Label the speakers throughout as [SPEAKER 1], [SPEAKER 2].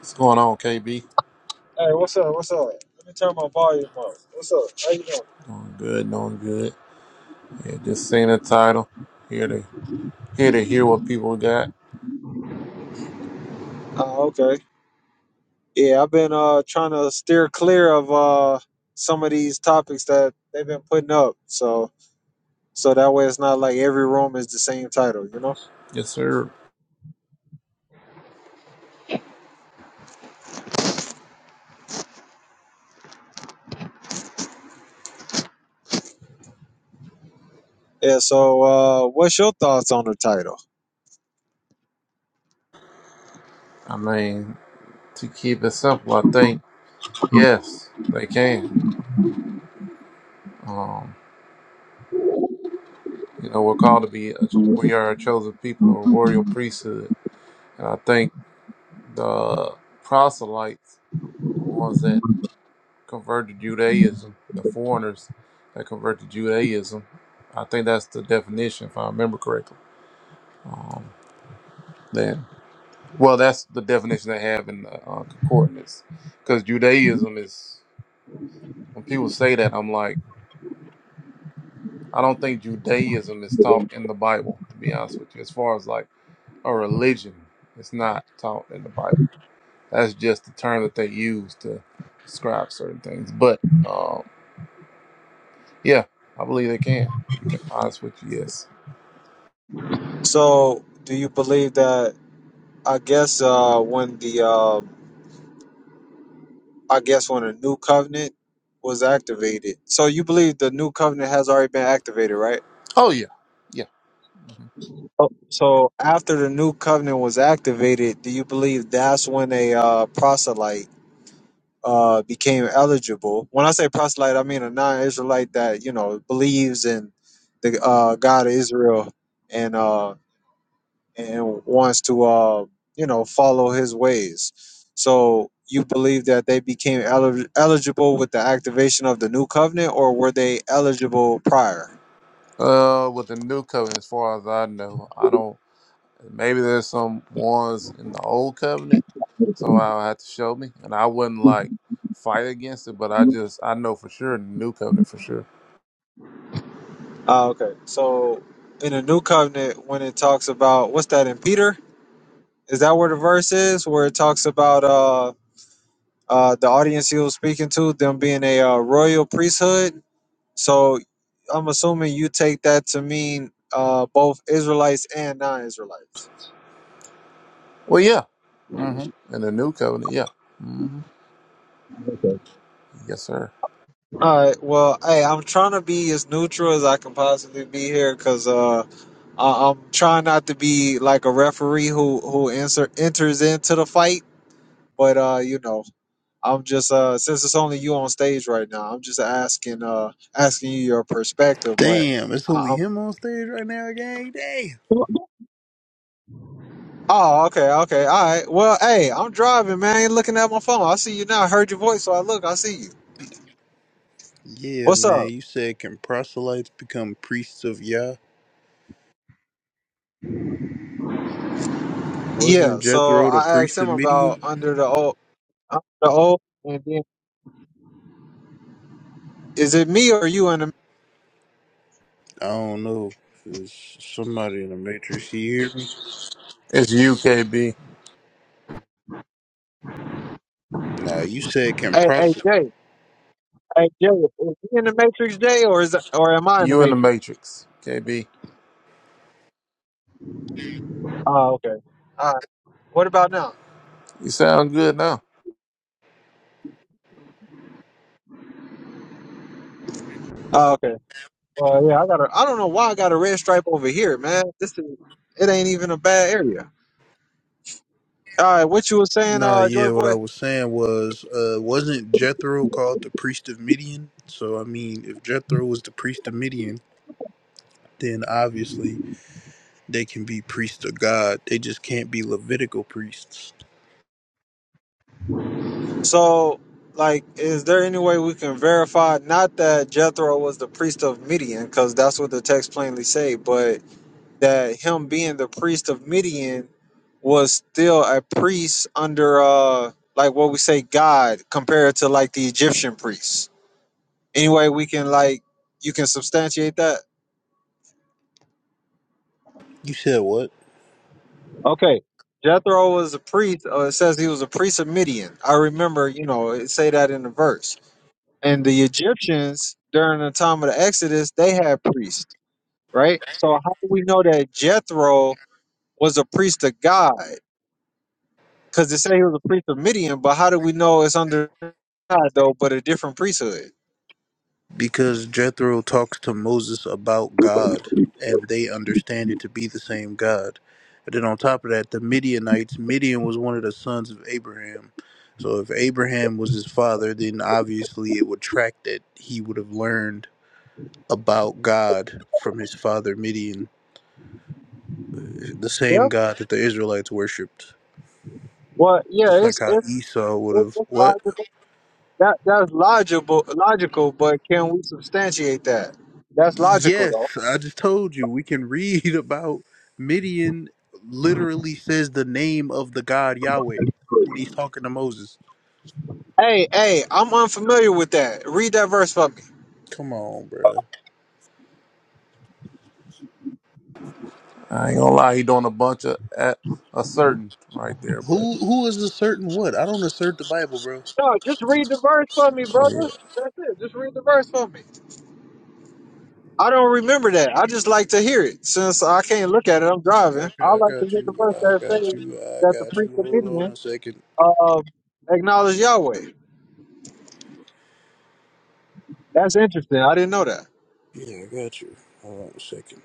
[SPEAKER 1] What's going on, KB?
[SPEAKER 2] Hey, what's up? What's up? Let me turn my volume up. What's up? How you doing?
[SPEAKER 1] Doing good, doing good. Yeah, just seeing the title. Here to here to hear what people got.
[SPEAKER 2] Oh, okay. Yeah, I've been uh trying to steer clear of uh some of these topics that they've been putting up, so so that way it's not like every room is the same title, you know?
[SPEAKER 1] Yes, sir.
[SPEAKER 2] Yeah. So, uh, what's your thoughts on the title?
[SPEAKER 1] I mean, to keep it simple, I think yes, they can. Um, you know, we're called to be a, we are a chosen people, a royal priesthood, and I think the proselytes, the ones that converted Judaism, the foreigners that converted Judaism, I think that's the definition, if I remember correctly. Um, that Well, that's the definition they have in the uh, concordance. Because Judaism is, when people say that, I'm like, I don't think Judaism is taught in the Bible, to be honest with you. As far as like a religion, it's not taught in the Bible. That's just the term that they use to describe certain things. But um, yeah, I believe they can, to be honest with you, yes.
[SPEAKER 2] So, do you believe that? I guess uh when the uh, I guess when a new covenant was activated, so you believe the new covenant has already been activated, right?
[SPEAKER 1] Oh, yeah. Yeah.
[SPEAKER 2] Oh, So after the new covenant was activated, do you believe that's when a uh, proselyte uh, became eligible? When I say proselyte, I mean a non-Israelite that you know believes in the uh, God of Israel and uh, and wants to uh, you know follow His ways. So you believe that they became elig eligible with the activation of the new covenant, or were they eligible prior?
[SPEAKER 1] Uh, with the new covenant, as far as I know, I don't. Maybe there's some ones in the old covenant. Somehow have to show me, and I wouldn't like fight against it, but I just I know for sure in the new covenant for sure.
[SPEAKER 2] Ah, okay. So in the new covenant, when it talks about what's that in Peter? Is that where the verse is? Where it talks about uh uh the audience he was speaking to, them being a uh, royal priesthood. So I'm assuming you take that to mean uh both Israelites and non-Israelites.
[SPEAKER 1] Well, yeah, hmm in the new covenant, yeah, hmm yes, sir.
[SPEAKER 2] All right. Well, hey, I'm trying to be as neutral as I can possibly be here, cause uh, I- I'm trying not to be like a referee who who enter- enters into the fight. But uh, you know. I'm just uh since it's only you on stage right now, I'm just asking uh asking you your perspective, but
[SPEAKER 3] Damn, it's only
[SPEAKER 2] I, I'm
[SPEAKER 3] him on stage right now, gang. Damn.
[SPEAKER 2] Oh, okay, okay, all right. Well, hey, I'm driving, man. I ain't looking at my phone. I see you now. I heard your voice, so I look. I see you.
[SPEAKER 3] Yeah,
[SPEAKER 2] What's up?
[SPEAKER 3] man, you said can proselytes become priests of Yah?
[SPEAKER 2] Yeah.
[SPEAKER 3] Wasn't
[SPEAKER 2] So
[SPEAKER 3] Jethro the
[SPEAKER 2] I asked
[SPEAKER 3] priest
[SPEAKER 2] him
[SPEAKER 3] of Midian?
[SPEAKER 2] about under the old, under the old, and then is it me or you in the?
[SPEAKER 3] I don't know. Is somebody in the Matrix you hear me?
[SPEAKER 1] It's you, KB.
[SPEAKER 3] Nah, you said can
[SPEAKER 2] Hey, hey,
[SPEAKER 3] proselytes.
[SPEAKER 2] Jay. Hey, Jay. Is he in the Matrix, Jay, or is or am I in the
[SPEAKER 1] You in the
[SPEAKER 2] Matrix?
[SPEAKER 1] matrix, KB.
[SPEAKER 2] Oh, okay. All right. What about now?
[SPEAKER 1] You sound good now.
[SPEAKER 2] Oh, okay. Uh yeah, I got a. I don't know why I got a red stripe over here, man. This is. It ain't even a bad area. All right, what you were saying,
[SPEAKER 3] Nah,
[SPEAKER 2] uh, Joy
[SPEAKER 3] yeah, what
[SPEAKER 2] Boy.
[SPEAKER 3] I was saying was, uh, wasn't Jethro called the priest of Midian? So, I mean, if Jethro was the priest of Midian, then obviously they can be priests of God. They just can't be Levitical priests.
[SPEAKER 2] So, like, is there any way we can verify not that Jethro was the priest of Midian, because that's what the text plainly say, but that him being the priest of Midian was still a priest under, uh, like what we say, God, compared to like the Egyptian priests. Anyway, we can like you can substantiate that.
[SPEAKER 3] You said what?
[SPEAKER 2] Okay. Jethro was a priest. Uh, it says he was a priest of Midian. I remember, you know, it say that in the verse. And the Egyptians during the time of the Exodus, they had priests, right? So how do we know that Jethro was a priest of God? Because they say he was a priest of Midian, but how do we know it's under God though, but a different priesthood?
[SPEAKER 3] Because Jethro talks to Moses about God, and they understand it to be the same God. And then on top of that, the Midianites, Midian was one of the sons of Abraham. So if Abraham was his father, then obviously it would track that he would have learned about God from his father Midian, the same
[SPEAKER 2] Well,
[SPEAKER 3] God that the Israelites worshipped.
[SPEAKER 2] well, yeah,
[SPEAKER 3] Just like
[SPEAKER 2] it's
[SPEAKER 3] how
[SPEAKER 2] it's,
[SPEAKER 3] Esau would
[SPEAKER 2] it's,
[SPEAKER 3] have.
[SPEAKER 2] it's
[SPEAKER 3] What?
[SPEAKER 2] logical. That that's logical, logical. But can we substantiate that? That's logical,
[SPEAKER 3] Yes,
[SPEAKER 2] though.
[SPEAKER 3] I just told you we can read about Midian literally says the name of the God Yahweh when he's talking to Moses.
[SPEAKER 2] Hey, hey, I'm unfamiliar with that. Read that verse for me.
[SPEAKER 3] Come on, bro.
[SPEAKER 1] I ain't gonna lie, he doing a bunch of at a certain right there, but
[SPEAKER 3] Who who is asserting what? I don't assert the Bible, bro.
[SPEAKER 2] No, just read the verse for me, brother. That's it. Just read the verse for me. I don't remember that. I just like to hear it. Since I can't look at it, I'm
[SPEAKER 3] I
[SPEAKER 2] driving. I
[SPEAKER 3] got, I
[SPEAKER 2] like to
[SPEAKER 3] got
[SPEAKER 2] hear the
[SPEAKER 3] you.
[SPEAKER 2] verse
[SPEAKER 3] I
[SPEAKER 2] that
[SPEAKER 3] got
[SPEAKER 2] says
[SPEAKER 3] you. I
[SPEAKER 2] that the
[SPEAKER 3] got you.
[SPEAKER 2] priest of
[SPEAKER 3] Hold on a
[SPEAKER 2] Midian
[SPEAKER 3] second.
[SPEAKER 2] uh, acknowledge Yahweh. That's interesting. I didn't know that.
[SPEAKER 3] Yeah, I got you. Hold on a second.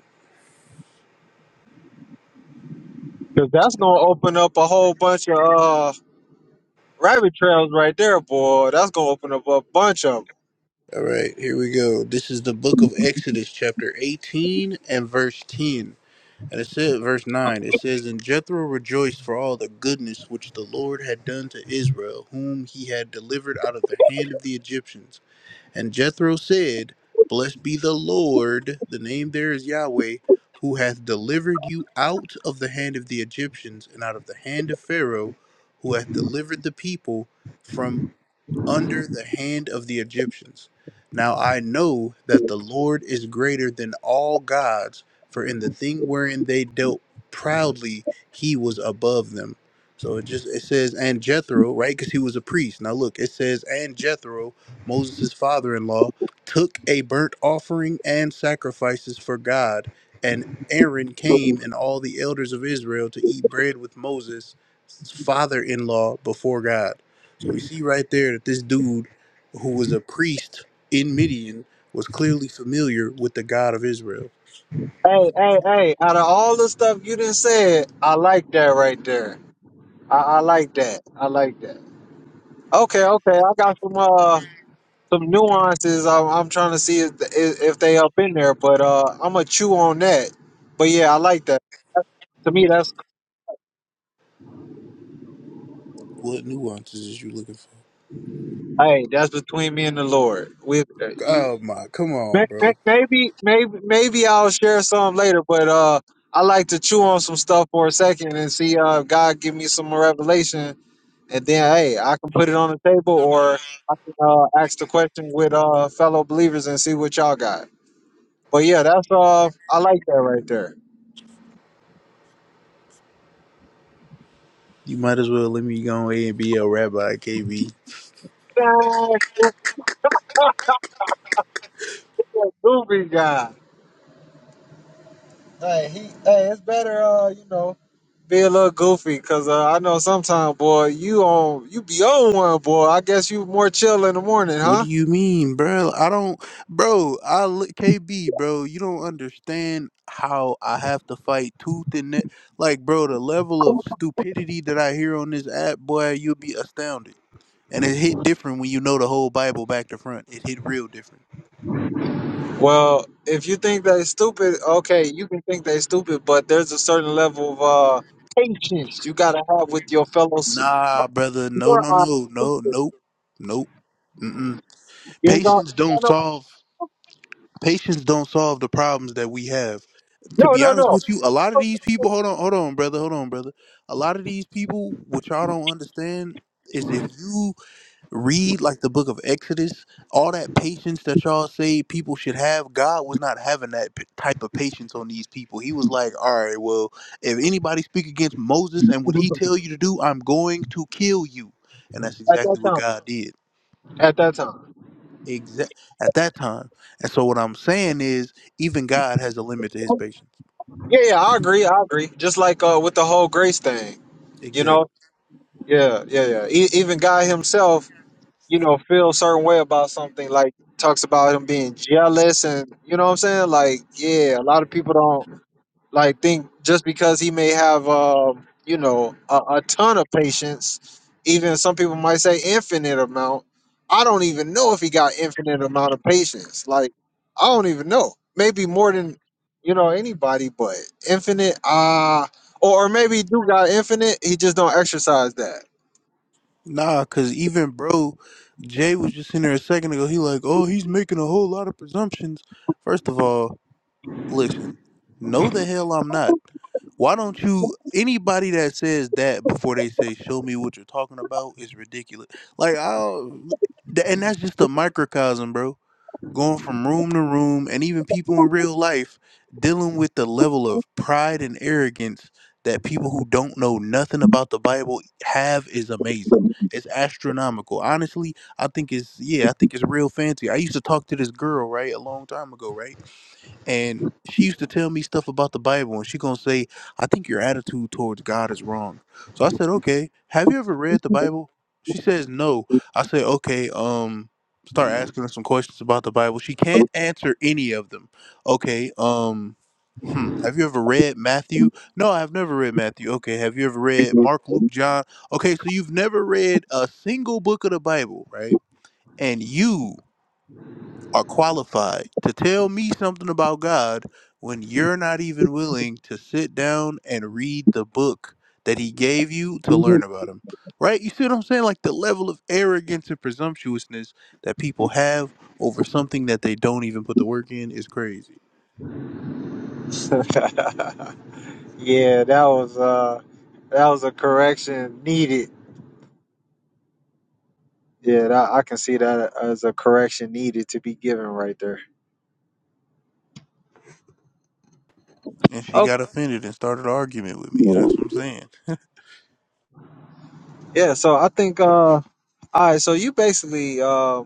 [SPEAKER 2] Because that's going to open up a whole bunch of uh, rabbit trails right there, boy. That's going to open up a bunch of them.
[SPEAKER 3] All right, here we go. This is the book of Exodus, chapter 18 and verse 10. And it said, verse 9, it says, And Jethro rejoiced for all the goodness which the Lord had done to Israel, whom he had delivered out of the hand of the Egyptians. And Jethro said, Blessed be the Lord, the name there is Yahweh, who hath delivered you out of the hand of the Egyptians and out of the hand of Pharaoh, who hath delivered the people from." under the hand of the Egyptians. Now I know that the Lord is greater than all gods, for in the thing wherein they dealt proudly, he was above them. So it just it says and Jethro, right? Because he was a priest. Now look, it says and Jethro, Moses' father-in-law, took a burnt offering and sacrifices for God, and Aaron came and all the elders of Israel to eat bread with Moses' father-in-law before God. So we see right there that this dude, who was a priest in Midian, was clearly familiar with the God of Israel.
[SPEAKER 2] Hey, hey, hey, out of all the stuff you done said, I like that right there. I, I like that. I like that. Okay, okay. I got some uh some nuances. I'm, I'm trying to see if, if if they up in there, but uh I'm gonna chew on that. But yeah, I like that. That- To me, that's
[SPEAKER 3] What nuances is you looking for?
[SPEAKER 2] hey, that's between me and the Lord. With you,
[SPEAKER 3] Oh my, come on,
[SPEAKER 2] may- may-
[SPEAKER 3] bro.
[SPEAKER 2] maybe maybe maybe I'll share some later. But uh, I like to chew on some stuff for a second and see uh if God give me some revelation and then hey, I can put it on the table or I can uh, ask the question with uh fellow believers and see what y'all got. But yeah, that's uh I like that right there.
[SPEAKER 3] You might as well let me go A and be a rabbi, KB.
[SPEAKER 2] Dang, goofy goofy guy. Hey, he hey, it's better uh, you know, be a little goofy because uh, I know sometimes, boy, you on you be on one, boy. I guess you more chill in the morning,
[SPEAKER 3] What do
[SPEAKER 2] huh?
[SPEAKER 3] you mean, bro? I don't, bro. I look- KB, bro. You don't understand how I have to fight tooth and net. Like, bro, the level of stupidity that I hear on this app, boy, you'll be astounded. And it hit different when you know the whole Bible back to front. It hit real different.
[SPEAKER 2] Well, if you think they stupid, okay, you can think they stupid, but there's a certain level of uh patience you gotta have with your fellow
[SPEAKER 3] Nah, brother. No,
[SPEAKER 2] You're
[SPEAKER 3] no,
[SPEAKER 2] on
[SPEAKER 3] no, no,
[SPEAKER 2] exclusive.
[SPEAKER 3] nope, nope. Mm-mm.
[SPEAKER 2] You ain't gonna.
[SPEAKER 3] Patience don't
[SPEAKER 2] tell
[SPEAKER 3] solve. Patience don't solve the problems that we have.
[SPEAKER 2] nobody.
[SPEAKER 3] To
[SPEAKER 2] No,
[SPEAKER 3] be
[SPEAKER 2] no,
[SPEAKER 3] honest
[SPEAKER 2] no.
[SPEAKER 3] with you, a lot of these people. Hold on, hold on, brother. Hold on, brother. A lot of these people, what y'all don't understand, is if you read like the book of Exodus, all that patience that y'all say people should have, God was not having that p- type of patience on these people. He was like, "All right, well, if anybody speak against Moses and what he tell you to do, I'm going to kill you." And that's
[SPEAKER 2] At that
[SPEAKER 3] exactly what
[SPEAKER 2] time.
[SPEAKER 3] God did.
[SPEAKER 2] At that time.
[SPEAKER 3] Exact at that time. And so what I'm saying is even God has a limit to his patience.
[SPEAKER 2] Yeah, yeah, I agree. I agree. Just like uh, with the whole grace thing, you know.
[SPEAKER 3] Exactly.
[SPEAKER 2] Yeah, yeah, yeah. E- even God Himself, you know, feels certain way about something. Like talks about him being jealous, and you know what I'm saying. Like, yeah, a lot of people don't. like think just because he may have um, you know a, a ton of patients even some people might say infinite amount i don't even know if he got infinite amount of patients like i don't even know maybe more than you know anybody but infinite uh or, or maybe he do got infinite he just don't exercise that
[SPEAKER 3] Nah, cuz even bro Jay was just in there a second ago. He like, "Oh, he's making a whole lot of presumptions." First of all, Listen, no, the hell I'm not. Why don't you? Anybody that says that before they say "show me what you're talking about" is ridiculous. Like I, th- and that's just a microcosm, bro. Going from room to room, and even people in real life dealing with the level of pride and arrogance that people who don't know nothing about the Bible have is amazing. It's astronomical. Honestly, I think it's yeah, I think it's real fancy. I used to talk to this girl right a long time ago, right? and she used to tell me stuff about the Bible, and she gonna say, "I think your attitude towards God is wrong." So I said, "Okay, have you ever read the Bible?" She says, "No." I said, "Okay, um, start asking her some questions about the Bible." She can't answer any of them. Okay, um, hmm, have you ever read Matthew? No, I've never read Matthew. Okay, have you ever read Mark, Luke, John? Okay, so you've never read a single book of the Bible, right? And you are qualified to tell me something about God when you're not even willing to sit down and read the book that he gave you to learn about him. Right? You see what I'm saying? Like the level of arrogance and presumptuousness that people have over something that they don't even put the work in is crazy.
[SPEAKER 2] yeah that was uh that was a correction needed yeah that, i can see that as a correction needed to be given right there
[SPEAKER 3] And she got offended and started an argument with me. That's what I'm saying.
[SPEAKER 2] Yeah, so I think uh all right, so you basically uh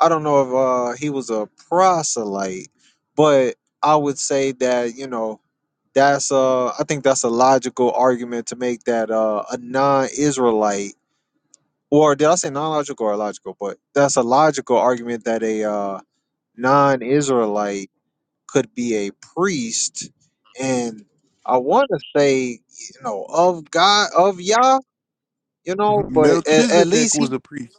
[SPEAKER 2] I don't know if uh he was a proselyte, but I would say that, you know, that's uh I think that's a logical argument to make that uh a non-Israelite or did I say non-logical or logical, but that's a logical argument that a uh non-Israelite could be a priest and I want to say, you know, of God, of Yah, you know, but at, at
[SPEAKER 3] Melchizedek
[SPEAKER 2] least he
[SPEAKER 3] was a priest.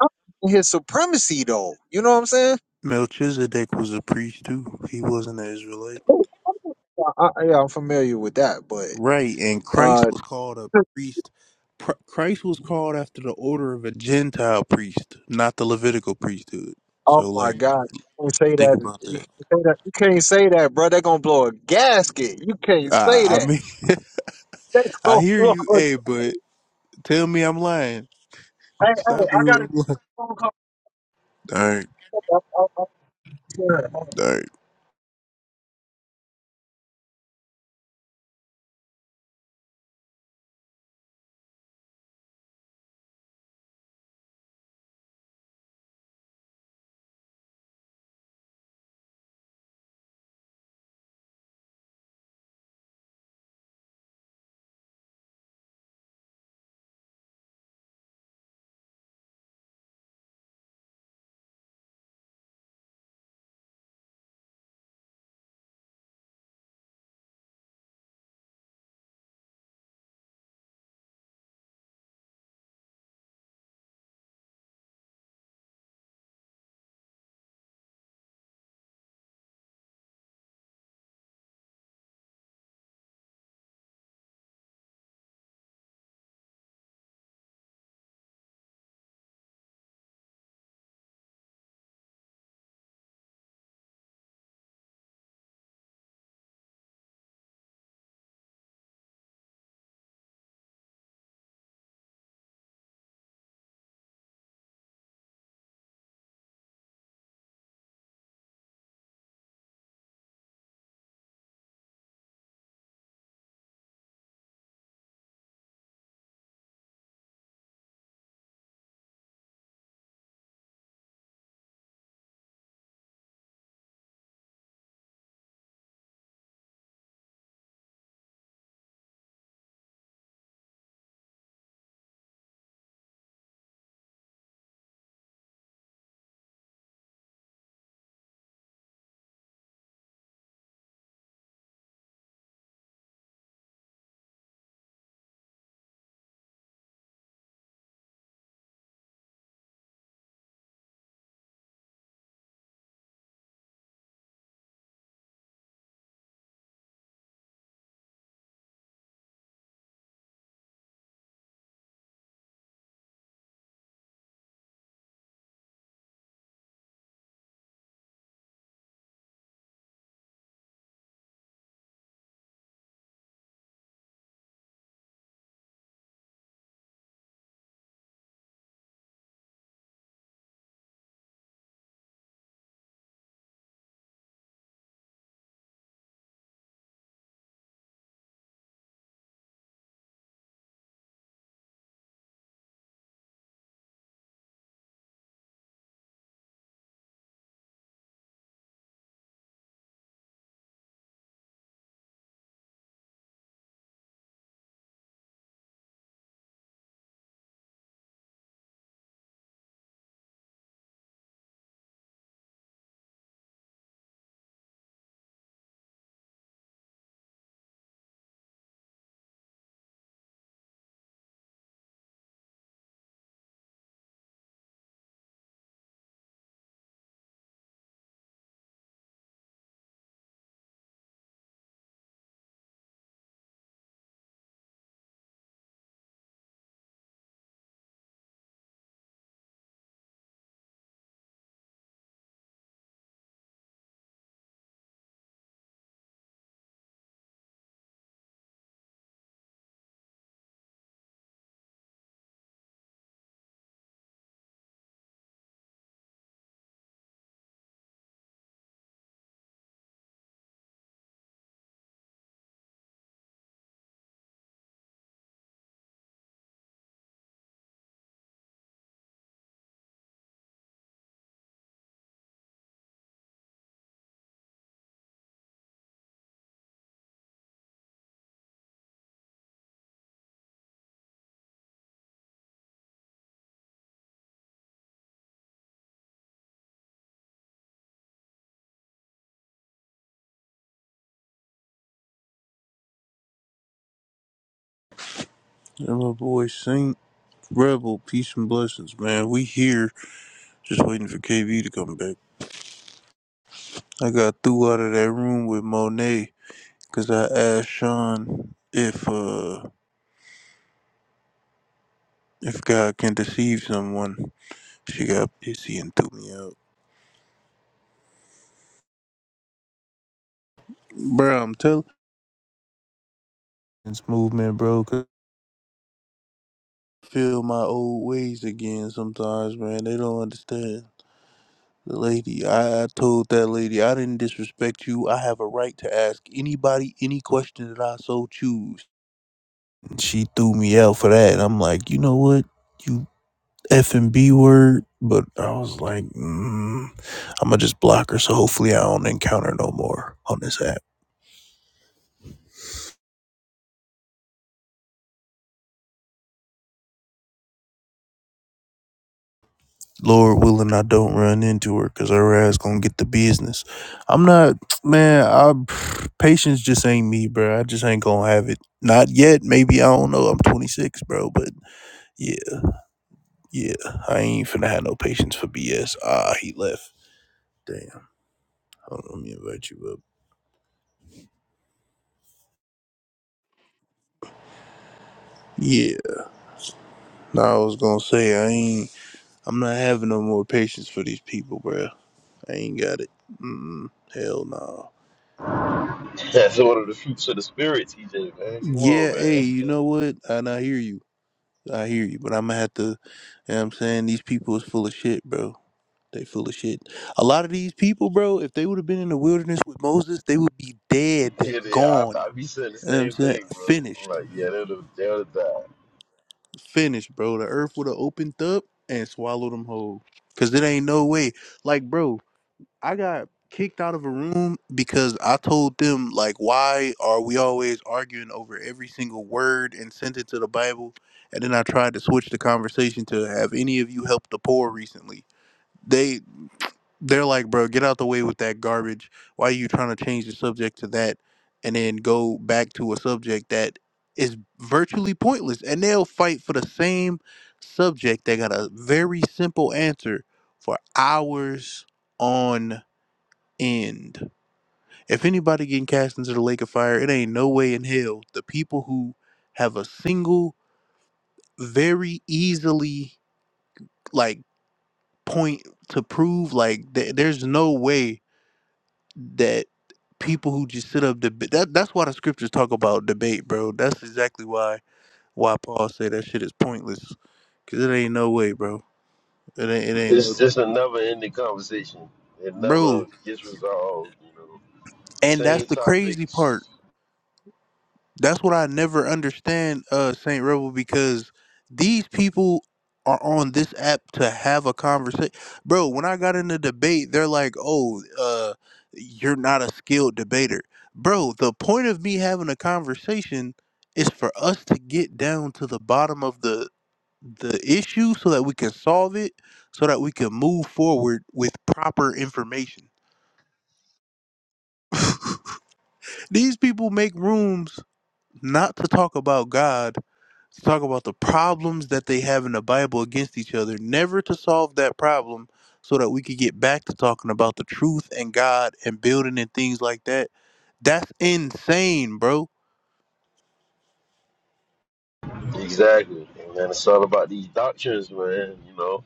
[SPEAKER 2] I'm his supremacy though. You know what I'm saying?
[SPEAKER 3] Melchizedek was a priest too. He wasn't an Israelite.
[SPEAKER 2] Oh, I, I- yeah, I'm familiar with that, but
[SPEAKER 3] Right, and Christ
[SPEAKER 2] uh,
[SPEAKER 3] was called a priest. Pr- Christ was called after the order of a Gentile priest, not the Levitical priesthood.
[SPEAKER 2] oh
[SPEAKER 3] So,
[SPEAKER 2] my
[SPEAKER 3] like,
[SPEAKER 2] god, you can't say
[SPEAKER 3] think
[SPEAKER 2] that.
[SPEAKER 3] about
[SPEAKER 2] You can't
[SPEAKER 3] that.
[SPEAKER 2] say that. You can't say that, bro. They're gonna blow a gasket. You can't say
[SPEAKER 3] I, I
[SPEAKER 2] that.
[SPEAKER 3] mean,
[SPEAKER 2] They're
[SPEAKER 3] I
[SPEAKER 2] gonna
[SPEAKER 3] hear
[SPEAKER 2] blow.
[SPEAKER 3] you, hey,
[SPEAKER 2] A,
[SPEAKER 3] but tell me I'm lying.
[SPEAKER 2] hey, hey,
[SPEAKER 3] Stop me
[SPEAKER 2] I
[SPEAKER 3] when
[SPEAKER 2] got a
[SPEAKER 3] I'm lying.
[SPEAKER 2] phone call.
[SPEAKER 3] All right,
[SPEAKER 2] I- I- I'm sorry.
[SPEAKER 3] all right. And my boy Saint Rebel, peace and blessings, man. We here, just waiting for KV to come back. I got threw out of that room with Monet because I asked Sean if uh if God can deceive someone. She got pissy and threw me out. Bro, I'm telling this movement, bro, 'cause I feel my old ways again sometimes, man. They don't understand. The lady, I, I told that lady, I didn't disrespect you. I have a right to ask anybody any question that I so choose. And she threw me out for that. I'm like, you know what? You F and B word. But I was like, mm, I'm going to just block her so hopefully I don't encounter no more on this app. Lord willing, I don't run into her because her ass gonna get the business. I'm not, man. I patience just ain't me, bro. I just ain't gonna have it. Not yet. Maybe I don't know. I'm 26, bro. But yeah, yeah. I ain't finna have no patience for BS. Ah, he left. Damn. Hold on, let me invite you up. Yeah. No, I was gonna say I ain't. I'm not having no more patience for these people, bro. I ain't got it. Mm, hell no.
[SPEAKER 4] That's one of the fruits of the spirit, TJ, man. Come on,
[SPEAKER 3] Yeah. Hey,
[SPEAKER 4] man.
[SPEAKER 3] you know what? And I hear you. I hear you, but I'm gonna have to. You know what I'm saying these people is full of shit, bro. They full of shit. A lot of these people, bro, if they would have been in the wilderness with Moses, they would be dead,
[SPEAKER 4] Yeah, they, I,
[SPEAKER 3] gone.
[SPEAKER 4] I be saying the
[SPEAKER 3] You know what I'm
[SPEAKER 4] same
[SPEAKER 3] saying
[SPEAKER 4] thing, bro. I'm
[SPEAKER 3] finished,
[SPEAKER 4] like, yeah, they'll, they'll die.
[SPEAKER 3] finished, bro. The earth would have opened up and swallowed them whole. Cause it ain't no way. Like, bro, I got kicked out of a room because I told them like why are we always arguing over every single word and sentence of the Bible and then I tried to switch the conversation to have any of you helped the poor recently. They they're like, bro, get out the way with that garbage. Why are you trying to change the subject to that and then go back to a subject that is virtually pointless and they'll fight for the same subject. They got a very simple answer for hours on end. If anybody getting cast into the lake of fire, it ain't no way in hell. The people who have a single, very easily like point to prove, like th- there's no way that people who just sit up debate. That, that's why the scriptures talk about debate, bro. That's exactly why why Paul said that shit is pointless. Cause it ain't no way, bro. It ain't, it ain't no
[SPEAKER 4] It's just a never ending conversation. It
[SPEAKER 3] bro.
[SPEAKER 4] never gets resolved, you know.
[SPEAKER 3] And that's
[SPEAKER 4] Same
[SPEAKER 3] the crazy part.
[SPEAKER 4] topics.
[SPEAKER 3] That's what I never understand, uh, Saint Rebel, because these people are on this app to have a conversation. Bro, when I got in the debate, they're like, "Oh, uh, you're not a skilled debater." Bro, the point of me having a conversation is for us to get down to the bottom of the the issue so that we can solve it so that we can move forward with proper information. These people make rooms not to talk about God, to talk about the problems that they have in the Bible against each other, never to solve that problem so that we could get back to talking about the truth and God and building and things like that. That's insane, bro.
[SPEAKER 4] Exactly. And then it's all about these doctrines, man. You know,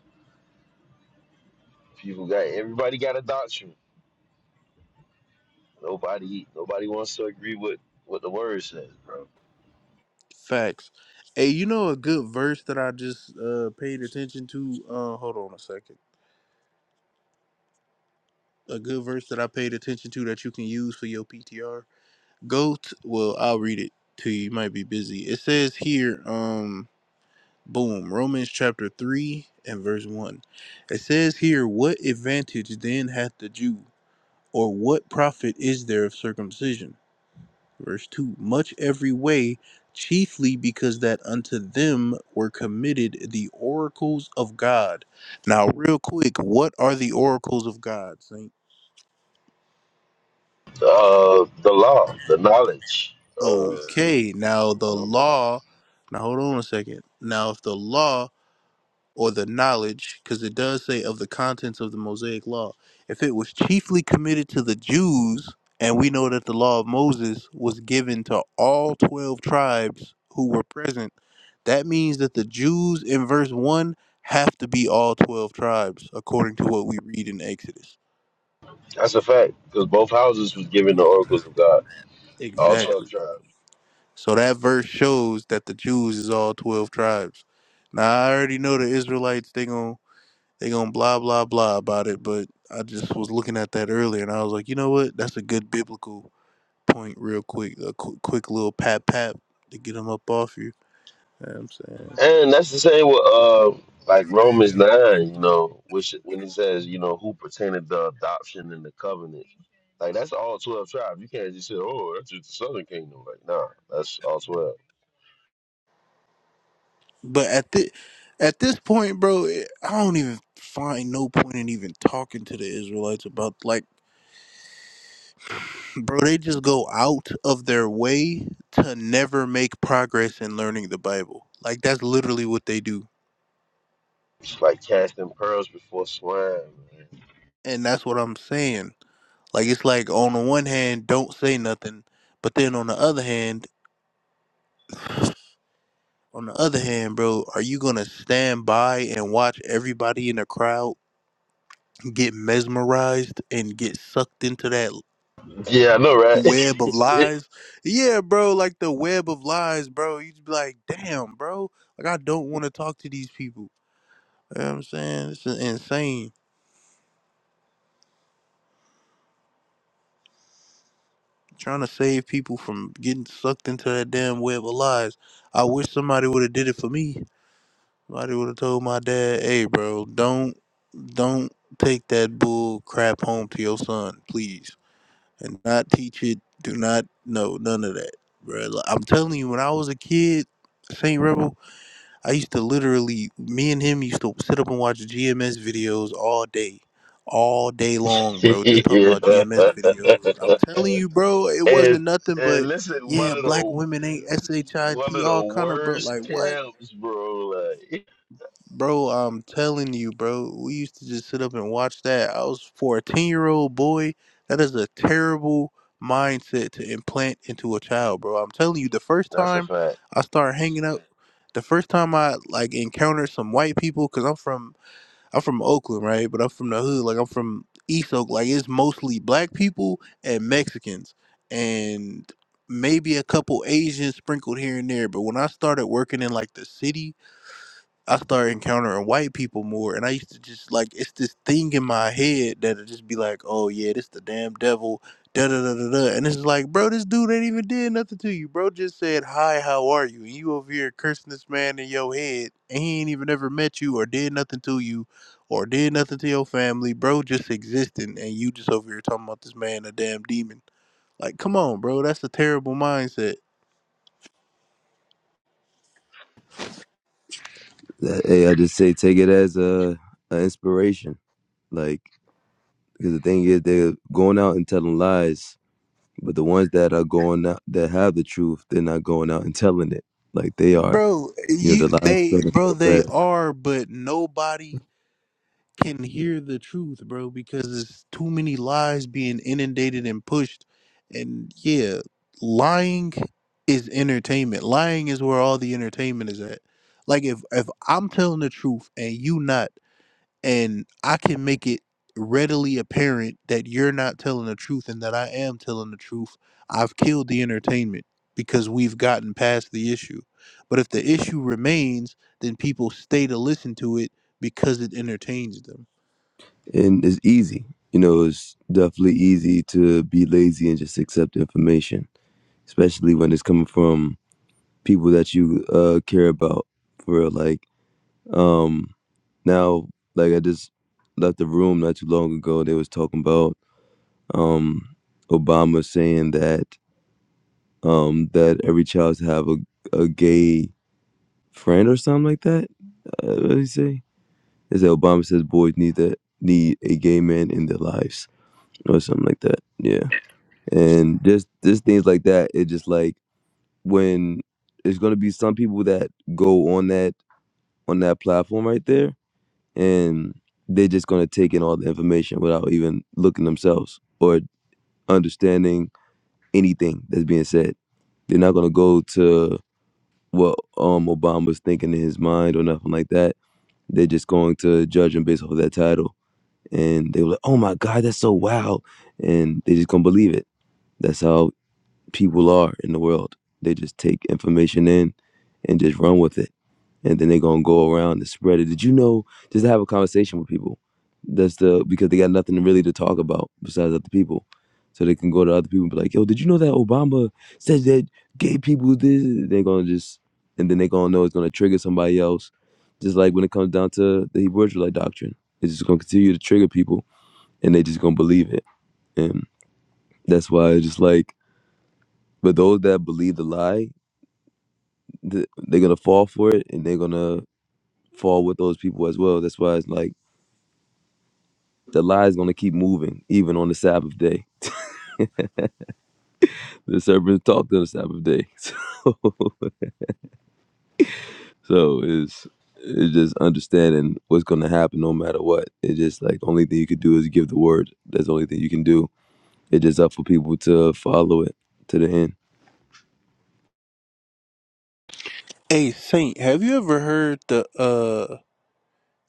[SPEAKER 4] people got, everybody got a doctrine. Nobody, nobody wants to agree with what the word says, bro.
[SPEAKER 3] Facts. Hey, you know a good verse that I just uh paid attention to? Uh hold on a second. A good verse that I paid attention to that you can use for your PTR. Go to, well, I'll read it to you. You might be busy. It says here, um Boom. Romans chapter 3 and verse 1. It says here, What advantage then hath the Jew? Or what profit is there of circumcision? Verse 2. Much every way, chiefly because that unto them were committed the oracles of God. Now, real quick, what are the oracles of God, Saint?
[SPEAKER 4] Uh, the law, the knowledge, uh,
[SPEAKER 3] Okay, now
[SPEAKER 4] you
[SPEAKER 3] the
[SPEAKER 4] know.
[SPEAKER 3] law. Now, hold on a second. Now, if the law. or the knowledge, because it does say of the contents of the Mosaic law. If it was chiefly committed to the Jews, and we know that the law of Moses was given to all 12 tribes who were present, that means that the Jews in verse 1 have to be all 12 tribes, according to what we read in Exodus.
[SPEAKER 4] That's a fact, because both houses was given the oracles of God, all twelve
[SPEAKER 3] Exactly.
[SPEAKER 4] tribes,
[SPEAKER 3] So that verse shows that the Jews is all 12 tribes. Now, I already know the Israelites, thing on. they gonna blah blah blah about it. But I just was looking at that earlier, and I was like, you know what? That's a good biblical point, real quick, a quick, quick little pat pat to get them up off you. You know what I'm saying,
[SPEAKER 4] and that's the same with uh like Romans nine, you know, which when it says you know who pertained the adoption and the covenant, like that's all twelve tribes. You can't just say oh that's just the southern kingdom, like nah, that's all twelve.
[SPEAKER 3] but at the at this point, bro, it, I don't even find no point in even talking to the Israelites about like, bro, they just go out of their way to never make progress in learning the Bible. Like that's literally what they do,
[SPEAKER 4] It's like casting pearls before swine. Man.
[SPEAKER 3] and that's what I'm saying. Like it's like on the one hand, don't say nothing, but then on the other hand, on the other hand, bro, are you gonna stand by and watch everybody in the crowd get mesmerized and get sucked into that
[SPEAKER 4] Yeah, I know, right?
[SPEAKER 3] web of lies? Yeah, bro, like the web of lies, bro. You just be like, damn, bro, like I don't want to talk to these people. You know what I'm saying? It's insane. Trying to save people from getting sucked into that damn web of lies. I wish somebody would have did it for me. Somebody would have told my dad, "Hey, bro, don't don't take that bull crap home to your son, please, and not teach it. Do not know none of that, bro." Like, I'm telling you, when I was a kid, Saint Rebel, I used to literally, me and him used to sit up and watch GMS videos all day. All day long, bro. Just talking
[SPEAKER 4] yeah.
[SPEAKER 3] about GMS videos. I'm telling you, bro, it
[SPEAKER 4] and
[SPEAKER 3] wasn't nothing
[SPEAKER 4] and
[SPEAKER 3] but
[SPEAKER 4] listen, one
[SPEAKER 3] yeah,
[SPEAKER 4] of
[SPEAKER 3] black
[SPEAKER 4] the
[SPEAKER 3] women ain't S H I
[SPEAKER 4] One
[SPEAKER 3] T
[SPEAKER 4] of the
[SPEAKER 3] all kind of bro.
[SPEAKER 4] worst
[SPEAKER 3] Like what?
[SPEAKER 4] camps, bro. Like
[SPEAKER 3] Bro, I'm telling you, bro, we used to just sit up and watch that. I was for a 10 year old boy, that is a terrible mindset to implant into a child, bro. I'm telling you, the first
[SPEAKER 4] that's a
[SPEAKER 3] time
[SPEAKER 4] fact.
[SPEAKER 3] I started hanging out, the first time I like encountered some white people, cause I'm from I'm from Oakland, right? But I'm from the hood, like I'm from East Oak, like it's mostly black people and Mexicans, and maybe a couple Asians sprinkled here and there. But when I started working in like the city, I started encountering white people more, and I used to just like it's this thing in my head that would just be like, "Oh yeah, this the damn devil." Da da da da da, and it's like, bro, this dude ain't even did nothing to you, bro. Just said hi, how are you? And you over here cursing this man in your head, and he ain't even ever met you or did nothing to you, or did nothing to your family, bro. Just existing, and you just over here talking about this man a damn demon. Like, come on, bro, that's a terrible mindset,
[SPEAKER 5] Hey, I just say take it as a, a inspiration. Like, because the thing is, they're going out and telling lies, but the ones that are going out that have the truth, they're not going out and telling it. Like they are,
[SPEAKER 3] bro.
[SPEAKER 5] you know,
[SPEAKER 3] You
[SPEAKER 5] the lies
[SPEAKER 3] they,
[SPEAKER 5] spreading
[SPEAKER 3] bro,
[SPEAKER 5] so
[SPEAKER 3] they
[SPEAKER 5] fast,
[SPEAKER 3] are, but nobody can hear the truth, bro, because there's too many lies being inundated and pushed. And yeah, lying is entertainment. Lying is where all the entertainment is at. Like if if I'm telling the truth and you not and I can make it readily apparent that you're not telling the truth and that I am telling the truth, I've killed the entertainment because we've gotten past the issue. But if the issue remains, then people stay to listen to it because it entertains them.
[SPEAKER 5] and it's easy. You know, it's definitely easy to be lazy and just accept information, especially when it's coming from people that you uh, care about. For real. like, um, now, like I just left the room not too long ago. They was talking about um, Obama saying that um, that every child should have a, a gay friend or something like that. Uh, what did he say? Is that Obama says boys need that need a gay man in their lives or something like that? Yeah, and just just things like that. It just like when there's gonna be some people that go on that on that platform right there, and they're just gonna take in all the information without even looking themselves or understanding anything that's being said. They're not gonna go to what um Obama's thinking in his mind or nothing like that. They're just going to judge him based off of that title. And they were like, Oh my God, that's so wild and they just gonna believe it. That's how people are in the world. They just take information in and just run with it and then they're gonna go around and spread it. Did you know? Just to have a conversation with people. That's the because they got nothing really to talk about besides other people, so they can go to other people and be like, "Yo, did you know that Obama says that gay people this?" They're gonna just and then they're gonna know it's gonna trigger somebody else. Just like when it comes down to the Hebrew Israelite doctrine, it's just gonna continue to trigger people, and they just gonna believe it, and that's why it's just like. But those that believe the lie, th- they're gonna fall for it, and they're gonna fall with those people as well. That's why it's like The lie is going to keep moving, even on the Sabbath day. The serpent talked on the Sabbath day. So, so it's, it's just understanding what's going to happen no matter what. It's just like the only thing you could do is give the word. That's the only thing you can do. It's just up for people to follow it to the end.
[SPEAKER 3] Hey Saint, have you ever heard the uh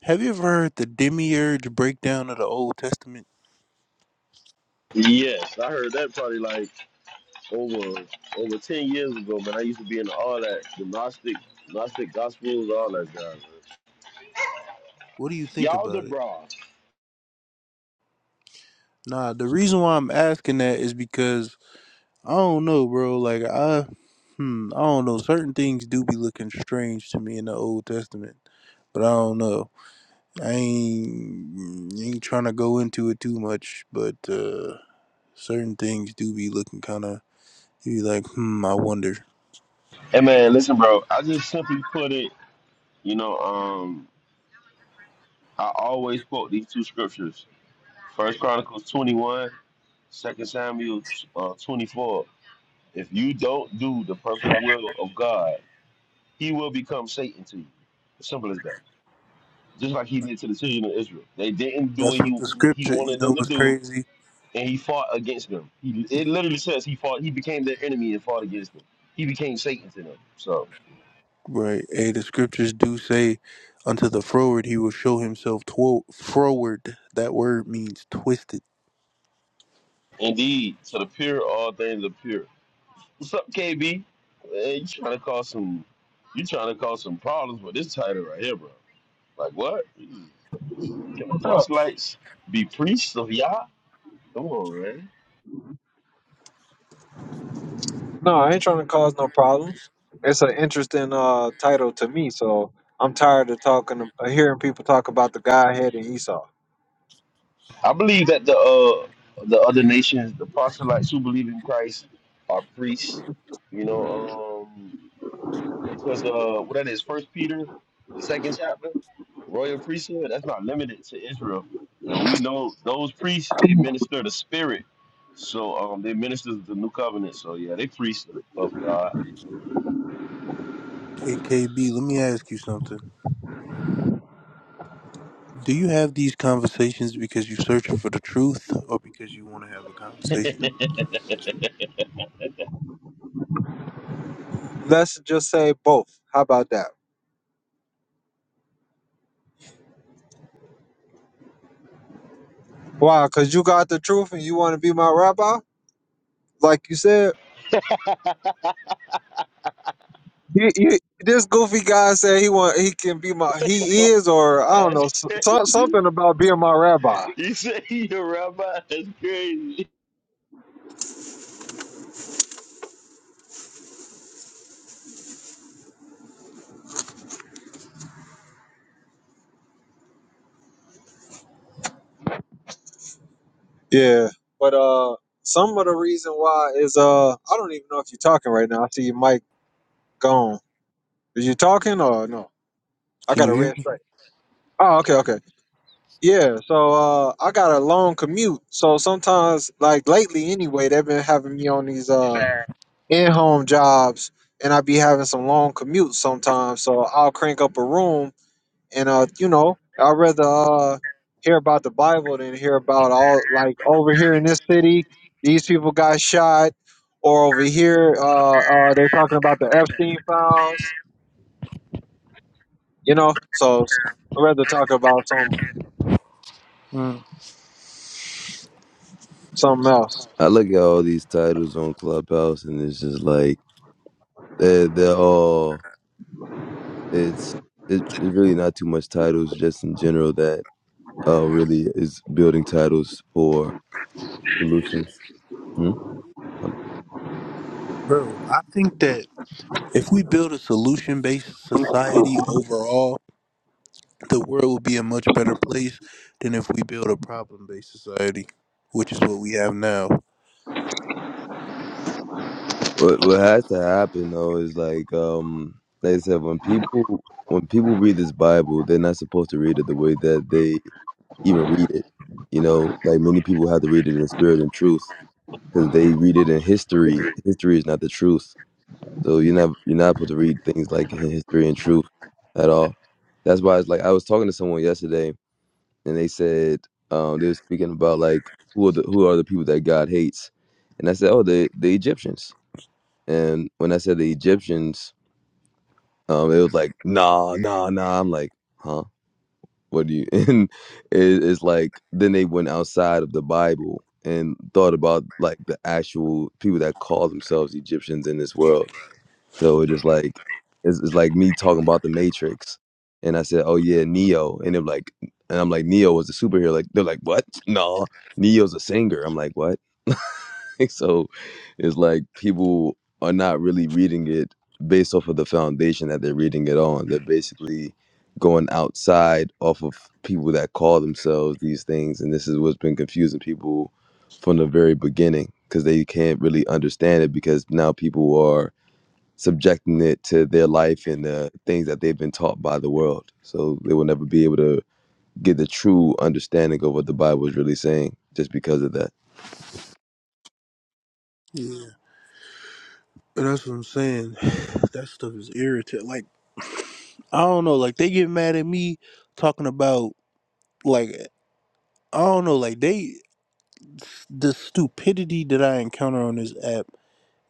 [SPEAKER 3] Have you ever heard the demiurge breakdown of the Old Testament?
[SPEAKER 4] Yes, I heard that probably like over over ten years ago, man. I used to be into all that, the Gnostic, Gnostic Gospels, all that jazz. man.
[SPEAKER 3] What do you think
[SPEAKER 4] Y'all the
[SPEAKER 3] about it?
[SPEAKER 4] bra.
[SPEAKER 3] Nah, the reason why I'm asking that is because I don't know, bro. Like I, hmm, I don't know. Certain things do be looking strange to me in the Old Testament, but I don't know. I ain't mm, ain't trying to go into it too much, but uh certain things do be looking kind of. You be like, hmm, I wonder.
[SPEAKER 4] Hey man, listen, bro. I just simply put it, you know, um, I always quote these two scriptures. First Chronicles 21, Second Samuel uh, 24. If you don't do the perfect will of God. he will become Satan to you. As simple as that. Just like he did to the children of Israel. They didn't do
[SPEAKER 3] That's
[SPEAKER 4] what
[SPEAKER 3] what
[SPEAKER 4] he
[SPEAKER 3] the
[SPEAKER 4] he
[SPEAKER 3] scripture. You
[SPEAKER 4] wanted
[SPEAKER 3] know
[SPEAKER 4] them to
[SPEAKER 3] what's
[SPEAKER 4] do,
[SPEAKER 3] crazy?
[SPEAKER 4] and he fought against them. He it literally says he fought. He became their enemy and fought against them. He became Satan to them. So
[SPEAKER 3] Right. Hey, the scriptures do say, unto the froward he will show himself tw- froward. That word means twisted.
[SPEAKER 4] indeed, to the pure, all things are pure. What's up, KB? Hey, you trying to cause some? You trying to cause some problems with this title right here, bro? Like what? This is- this is- Can the
[SPEAKER 2] What's up?
[SPEAKER 4] proselytes be priests of Yah? Come on, man.
[SPEAKER 2] No, I ain't trying to cause no problems. It's an interesting uh title to me, so I'm tired of talking, of hearing people talk about the Godhead and Esau.
[SPEAKER 4] I believe that the uh, the other nations, the proselytes who believe in Christ, are priests. You know, um, because uh, what that is, First Peter, the second chapter, royal priesthood. That's not limited to Israel, and we know those priests they minister the Spirit. So um, they minister the new covenant. So yeah, they priests of God.
[SPEAKER 3] Hey, KB, let me ask you something. Do you have these conversations because you're searching for the truth or because you want to have a
[SPEAKER 4] You
[SPEAKER 3] conversation?
[SPEAKER 2] Let's just say both. How about that? Why? Cause you got the truth and you want to be my rabbi, like you said. You, you, this goofy guy said he want he can be my he
[SPEAKER 4] know.
[SPEAKER 2] is or I don't know
[SPEAKER 4] That's
[SPEAKER 2] so,
[SPEAKER 4] crazy.
[SPEAKER 2] so- something about being my rabbi.
[SPEAKER 4] You say you're a rabbi? That's crazy.
[SPEAKER 2] Yeah, but uh, some of the reason why is uh I don't even know if you're talking right now. I see your mic gone. Is you talking or no? I
[SPEAKER 3] Can
[SPEAKER 2] got a
[SPEAKER 3] you hear
[SPEAKER 2] red
[SPEAKER 3] me?
[SPEAKER 2] stripe. Oh, okay, okay. Yeah, so uh I got a long commute. So sometimes like lately anyway, they've been having me on these uh in home jobs and I be having some long commutes sometimes. So I'll crank up a room and uh, you know, I'd rather uh hear about the Bible than hear about all like over here in this city, these people got shot, or over here, uh uh they're talking about the Epstein files, you know. So I'd rather talk about some
[SPEAKER 3] Mm.
[SPEAKER 2] something else.
[SPEAKER 5] I look at all these titles on Clubhouse and it's just like, they're, they're all, it's, it, it's really not too much titles just in general that uh, really is building titles for solutions. Hmm?
[SPEAKER 3] Bro, I think that if we build a solution based society overall, the world would be a much better place than if we build a problem based society, which is what we have now.
[SPEAKER 5] What what has to happen though is like um like I said, when people when people read this Bible, they're not supposed to read it the way that they even read it. You know, like many people have to read it in spirit and truth because they read it in history. History is not the truth, so you're not you're not supposed to read things like in history and truth at all. That's why it's like I was talking to someone yesterday, and they said um they were speaking about like who are the who are the people that God hates, and I said, oh, the the Egyptians and when I said the Egyptians, um, it was like, nah, nah, nah. I'm like, huh? What do you? And it, it's like, then they went outside of the Bible and thought about like the actual people that call themselves Egyptians in this world. So it just like, it's, it's like me talking about the Matrix. And I said, oh yeah, Neo. And they're like, and I'm like, Neo was a superhero. Like, they're like, what? No, Neo's a singer. I'm like, what? so it's like people are not really reading it based off of the foundation that they're reading it on. They're basically going outside off of people that call themselves these things, and this is what's been confusing people from the very beginning because they can't really understand it because now people are subjecting it to their life and the things that they've been taught by the world. So they will never be able to get the true understanding of what the Bible is really saying just because of that.
[SPEAKER 3] Yeah. And that's what I'm saying. That stuff is irritating. Like, I don't know. Like, they get mad at me talking about, like, I don't know. Like, they, the stupidity that I encounter on this app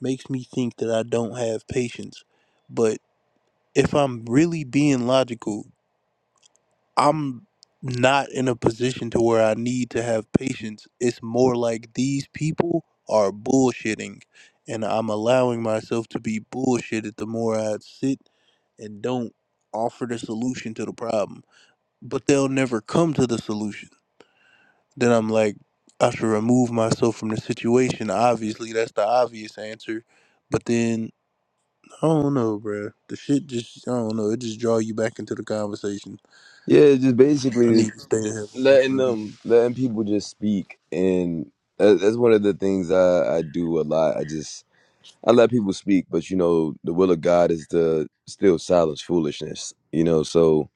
[SPEAKER 3] makes me think that I don't have patience. But if I'm really being logical, I'm not in a position to where I need to have patience. It's more like these people are bullshitting, and I'm allowing myself to be bullshitted the more I sit and don't offer the solution to the problem. But they'll never come to the solution. Then I'm like, I should remove myself from the situation. Obviously, that's the obvious answer. But then I don't know, bruh. The shit just I don't know. It just draw you back into the conversation.
[SPEAKER 5] Yeah, just
[SPEAKER 3] I
[SPEAKER 5] basically
[SPEAKER 3] need to stay the hell away
[SPEAKER 5] letting
[SPEAKER 3] from it.
[SPEAKER 5] them letting people just speak and that- that's one of the things I, I do a lot i just i let people speak but you know the will of god is to still silence foolishness you know so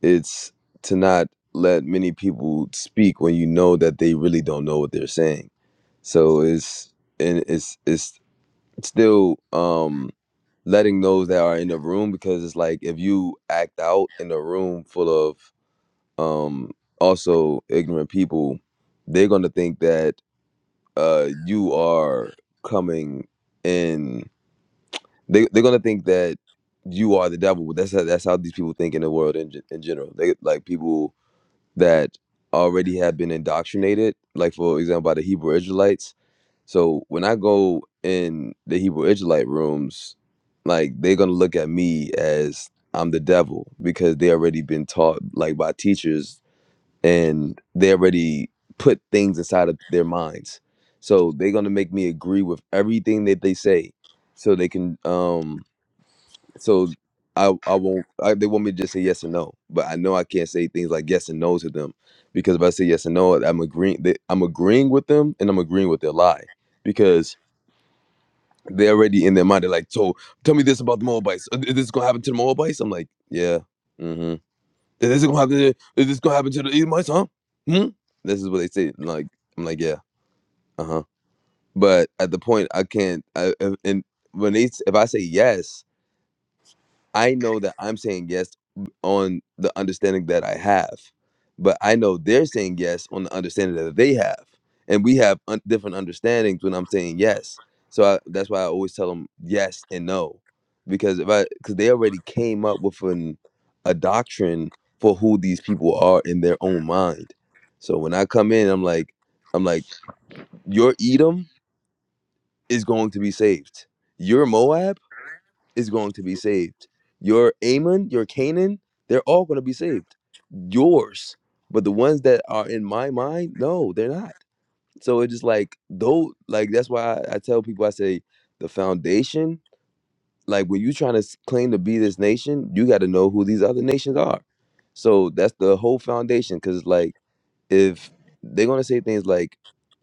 [SPEAKER 5] it's to not let many people speak when you know that they really don't know what they're saying so it's and it's it's still um letting those that are in the room because it's like if you act out in a room full of um also ignorant people they're going to think that uh you are coming in they, they're going to think that you are the devil that's how, that's how these people think in the world in, gen- in general they like people that already have been indoctrinated like for example by the hebrew israelites so when i go in the hebrew israelite rooms like they're going to look at me as i'm the devil because they already been taught like by teachers and they already put things inside of their minds. So they're gonna make me agree with everything that they say, so they can. Um, so I I won't. I, they want me to just say yes and no, but I know I can't say things like yes and no to them because if I say yes and no, I'm agreeing. They, I'm agreeing with them, and I'm agreeing with their lie because they're already in their mind. They're like, so tell me this about the Moabites. Uh, This is gonna happen to the Moabites. I'm like, yeah. mm-hmm." Is this gonna happen? To, is this gonna happen to the Edomites? Huh? Hmm? This is what they say. Like I'm like, yeah, uh huh. But at the point, I can't. I if- and when they if I say yes, I know that I'm saying yes on the understanding that I have, but I know they're saying yes on the understanding that they have, and we have un- different understandings when I'm saying yes. So I, that's why I always tell them yes and no, because if I because they already came up with an a doctrine for who these people are in their own mind. So when I come in, I'm like, I'm like, your Edom is going to be saved. Your Moab is going to be saved. Your Ammon, your Canaan, they're all going to be saved. Yours. But the ones that are in my mind, no, they're not. So it's just like, though, like that's why I, I tell people, I say, the foundation, like when you're trying to s- claim to be this nation, you got to know who these other nations are. So that's the whole foundation. Cause like, if they're going to say things like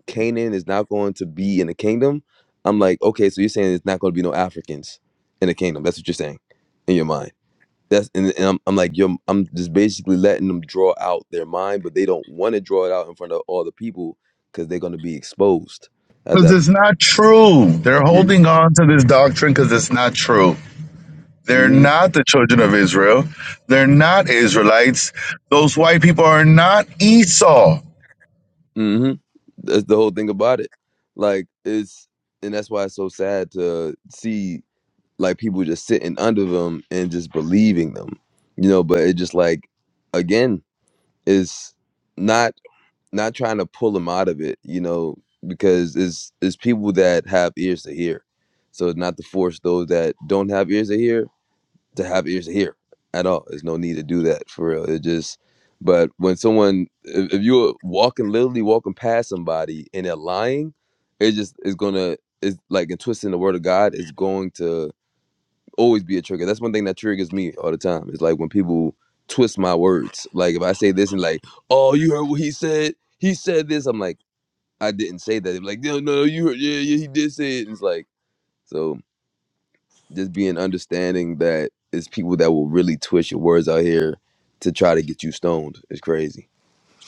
[SPEAKER 5] Canaan is not going to be in the kingdom, I'm like, okay, so you're saying it's not going to be no Africans in the kingdom. That's what you're saying in your mind that's and, and I'm, I'm like yo i'm just basically letting them draw out their mind but they don't want to draw it out in front of all the people because they're going to be exposed at
[SPEAKER 6] Because
[SPEAKER 5] that
[SPEAKER 6] it's not true. They're
[SPEAKER 5] mm-hmm.
[SPEAKER 6] holding on to this doctrine because it's not true. They're
[SPEAKER 5] mm-hmm
[SPEAKER 6] not the children of Israel. They're not Israelites. Those white people are not Esau.
[SPEAKER 5] mm-hmm that's the whole thing about it like it's and that's why it's so sad to see like people just sitting under them and just believing them you know but it just like again is not not trying to pull them out of it, you know, because it's it's people that have ears to hear. So not to force those that don't have ears to hear to have ears to hear at all. There's no need to do that for real. It just but when someone if, if you're walking literally walking past somebody and they're lying, it just is gonna it's like in twisting the word of God It's going to always be a trigger. That's one thing that triggers me all the time. It's like when people twist my words. Like if I say this and like, oh, you heard what he said? He said this. I'm like, I didn't say that. They're like, no, no, you heard, yeah, yeah, he did say it. And it's like, so just being understanding that it's people that will really twist your words out here to try to get you stoned is crazy.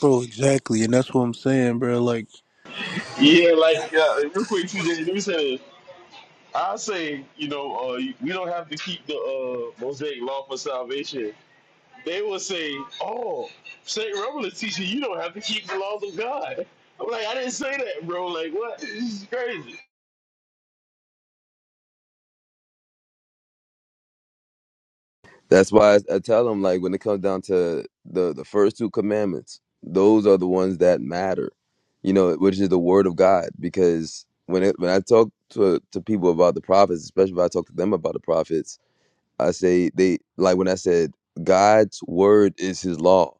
[SPEAKER 3] Bro, exactly, and that's what I'm saying, bro. Like,
[SPEAKER 4] Yeah, like uh, real quick, TJ. Let me say this. I say, you know, uh, we don't have to keep the uh, Mosaic law for salvation. They will say, oh, St. Rebel is teaching you don't have to keep the laws of God. I'm like, I didn't say that, bro. Like, what? This is crazy.
[SPEAKER 5] That's why I, I tell them like when it comes down to the the first two commandments, those are the ones that matter. You know, which is the word of God. Because when it when I talk to to people about the prophets, especially if I talk to them about the prophets, I say they like when I said God's word is his law.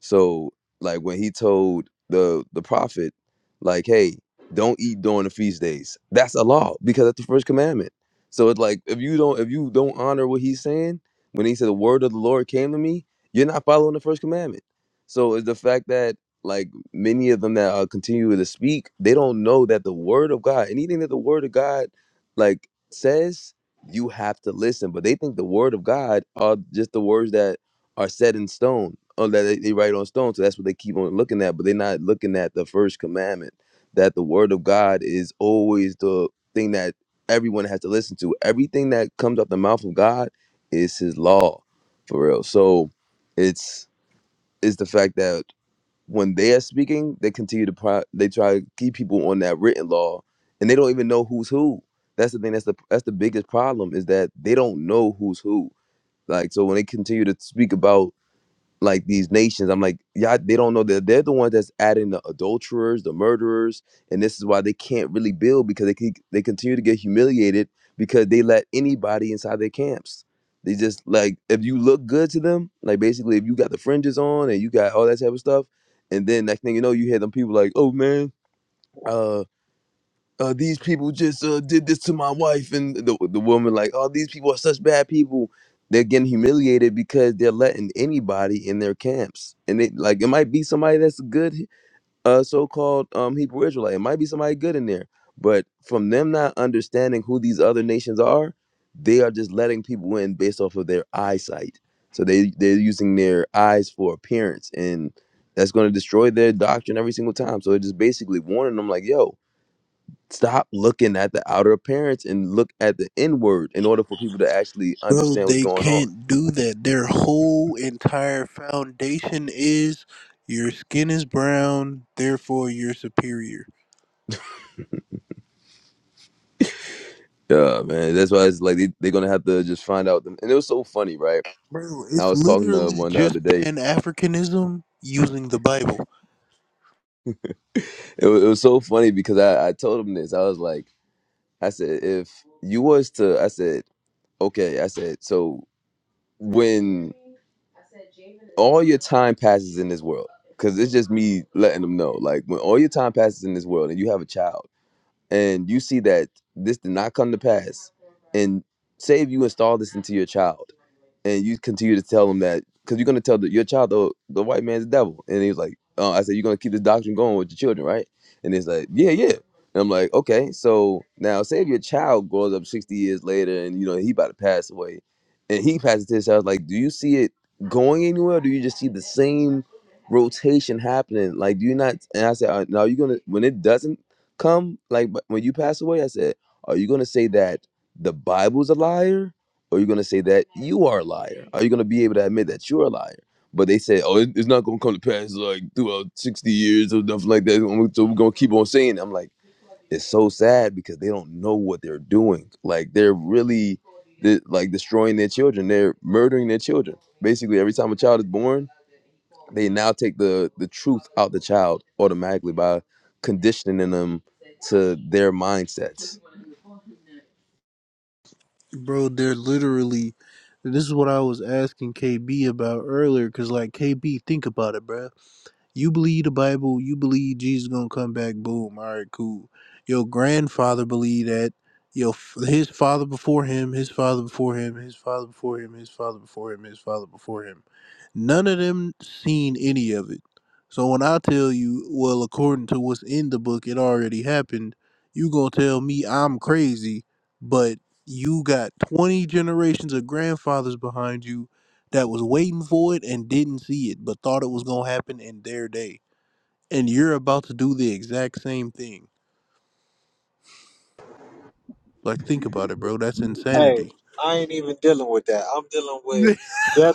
[SPEAKER 5] So like when he told the the prophet, like, hey, don't eat during the feast days. That's a law because that's the first commandment. So it's like if you don't if you don't honor what he's saying, when he said the word of the Lord came to me, you're not following the first commandment. So it's the fact that like many of them that are continuing to speak, they don't know that the word of God, anything that the word of God like says you have to listen. But they think the word of God are just the words that are set in stone, or that they, they write on stone. So that's what they keep on looking at. But they're not looking at the first commandment that the word of God is always the thing that everyone has to listen to. Everything that comes out the mouth of God is His law, for real. So it's it's the fact that when they are speaking, they continue to pro- they try to keep people on that written law, and they don't even know who's who. That's the thing. That's the that's the biggest problem is that they don't know who's who. Like so, when they continue to speak about like these nations. I'm like, yeah, they don't know that they're the ones that's adding the adulterers, the murderers, and this is why they can't really build because they keep, they continue to get humiliated because they let anybody inside their camps. They just like if you look good to them, like basically if you got the fringes on and you got all that type of stuff, and then next thing you know, you hear them people like, oh man. uh, uh, these people just uh, did this to my wife and the, the woman like oh these people are such bad people they're getting humiliated because they're letting anybody in their camps and it like it might be somebody that's a good uh, so-called um, hebrew israelite it might be somebody good in there but from them not understanding who these other nations are they are just letting people in based off of their eyesight so they they're using their eyes for appearance and that's going to destroy their doctrine every single time so it just basically warning them like yo stop looking at the outer appearance and look at the inward in order for people to actually
[SPEAKER 3] bro,
[SPEAKER 5] understand what's
[SPEAKER 3] they
[SPEAKER 5] going on.
[SPEAKER 3] can't do that. Their whole entire foundation is your skin is brown, therefore you're superior.
[SPEAKER 5] Yeah, man. That's why it's like they, they're gonna have to just find out. Them. And it was so funny, right?
[SPEAKER 3] Bro,
[SPEAKER 5] I
[SPEAKER 3] it's
[SPEAKER 5] was talking to
[SPEAKER 3] literally
[SPEAKER 5] one the
[SPEAKER 3] just
[SPEAKER 5] other day.
[SPEAKER 3] Pan Africanism using the Bible.
[SPEAKER 5] It was, it was so funny because I, I told him this. I was like, I said, if you was to, I said, okay, I said, so when all your time passes in this world, because it's just me letting them know, like when all your time passes in this world and you have a child and you see that this did not come to pass and say if you install this into your child and you continue to tell them that because you're gonna tell the, your child the the white man's the devil, and he was like, uh, I said you're gonna keep this doctrine going with your children, right? And he's like, yeah, yeah. And I'm like, okay, so now say if your child grows up 60 years later and you know he about to pass away, and he passes to his child, like, do you see it going anywhere? Or do you just see the same rotation happening? Like, do you not? And I said, uh, now you're gonna when it doesn't come, like but when you pass away, I said, are you gonna say that the Bible's a liar? Are you going to say that you are a liar? Are you going to be able to admit that you're a liar? But they said, oh, it- it's not going to come to pass like throughout 60 years or nothing like that. So we're going to keep on saying it. I'm like, it's so sad because they don't know what they're doing. Like they're really de- like destroying their children. They're murdering their children. Basically, every time a child is born, they now take the, the truth out the child automatically by conditioning them to their mindsets.
[SPEAKER 3] Bro, they're literally. This is what I was asking KB about earlier, because, like, KB, think about it, bro You believe the Bible, you believe Jesus gonna come back, boom, all right, cool. Your grandfather believed that, your his father before him, his father before him, his father before him, his father before him, his father before him. None of them seen any of it. So when I tell you, well, according to what's in the book, it already happened, you gonna tell me I'm crazy, but you got 20 generations of grandfathers behind you that was waiting for it and didn't see it, but thought it was gonna happen in their day. And you're about to do the exact same thing. Like, think about it, bro. That's
[SPEAKER 2] Hey,
[SPEAKER 3] insanity.
[SPEAKER 2] I ain't even dealing with that. I'm dealing with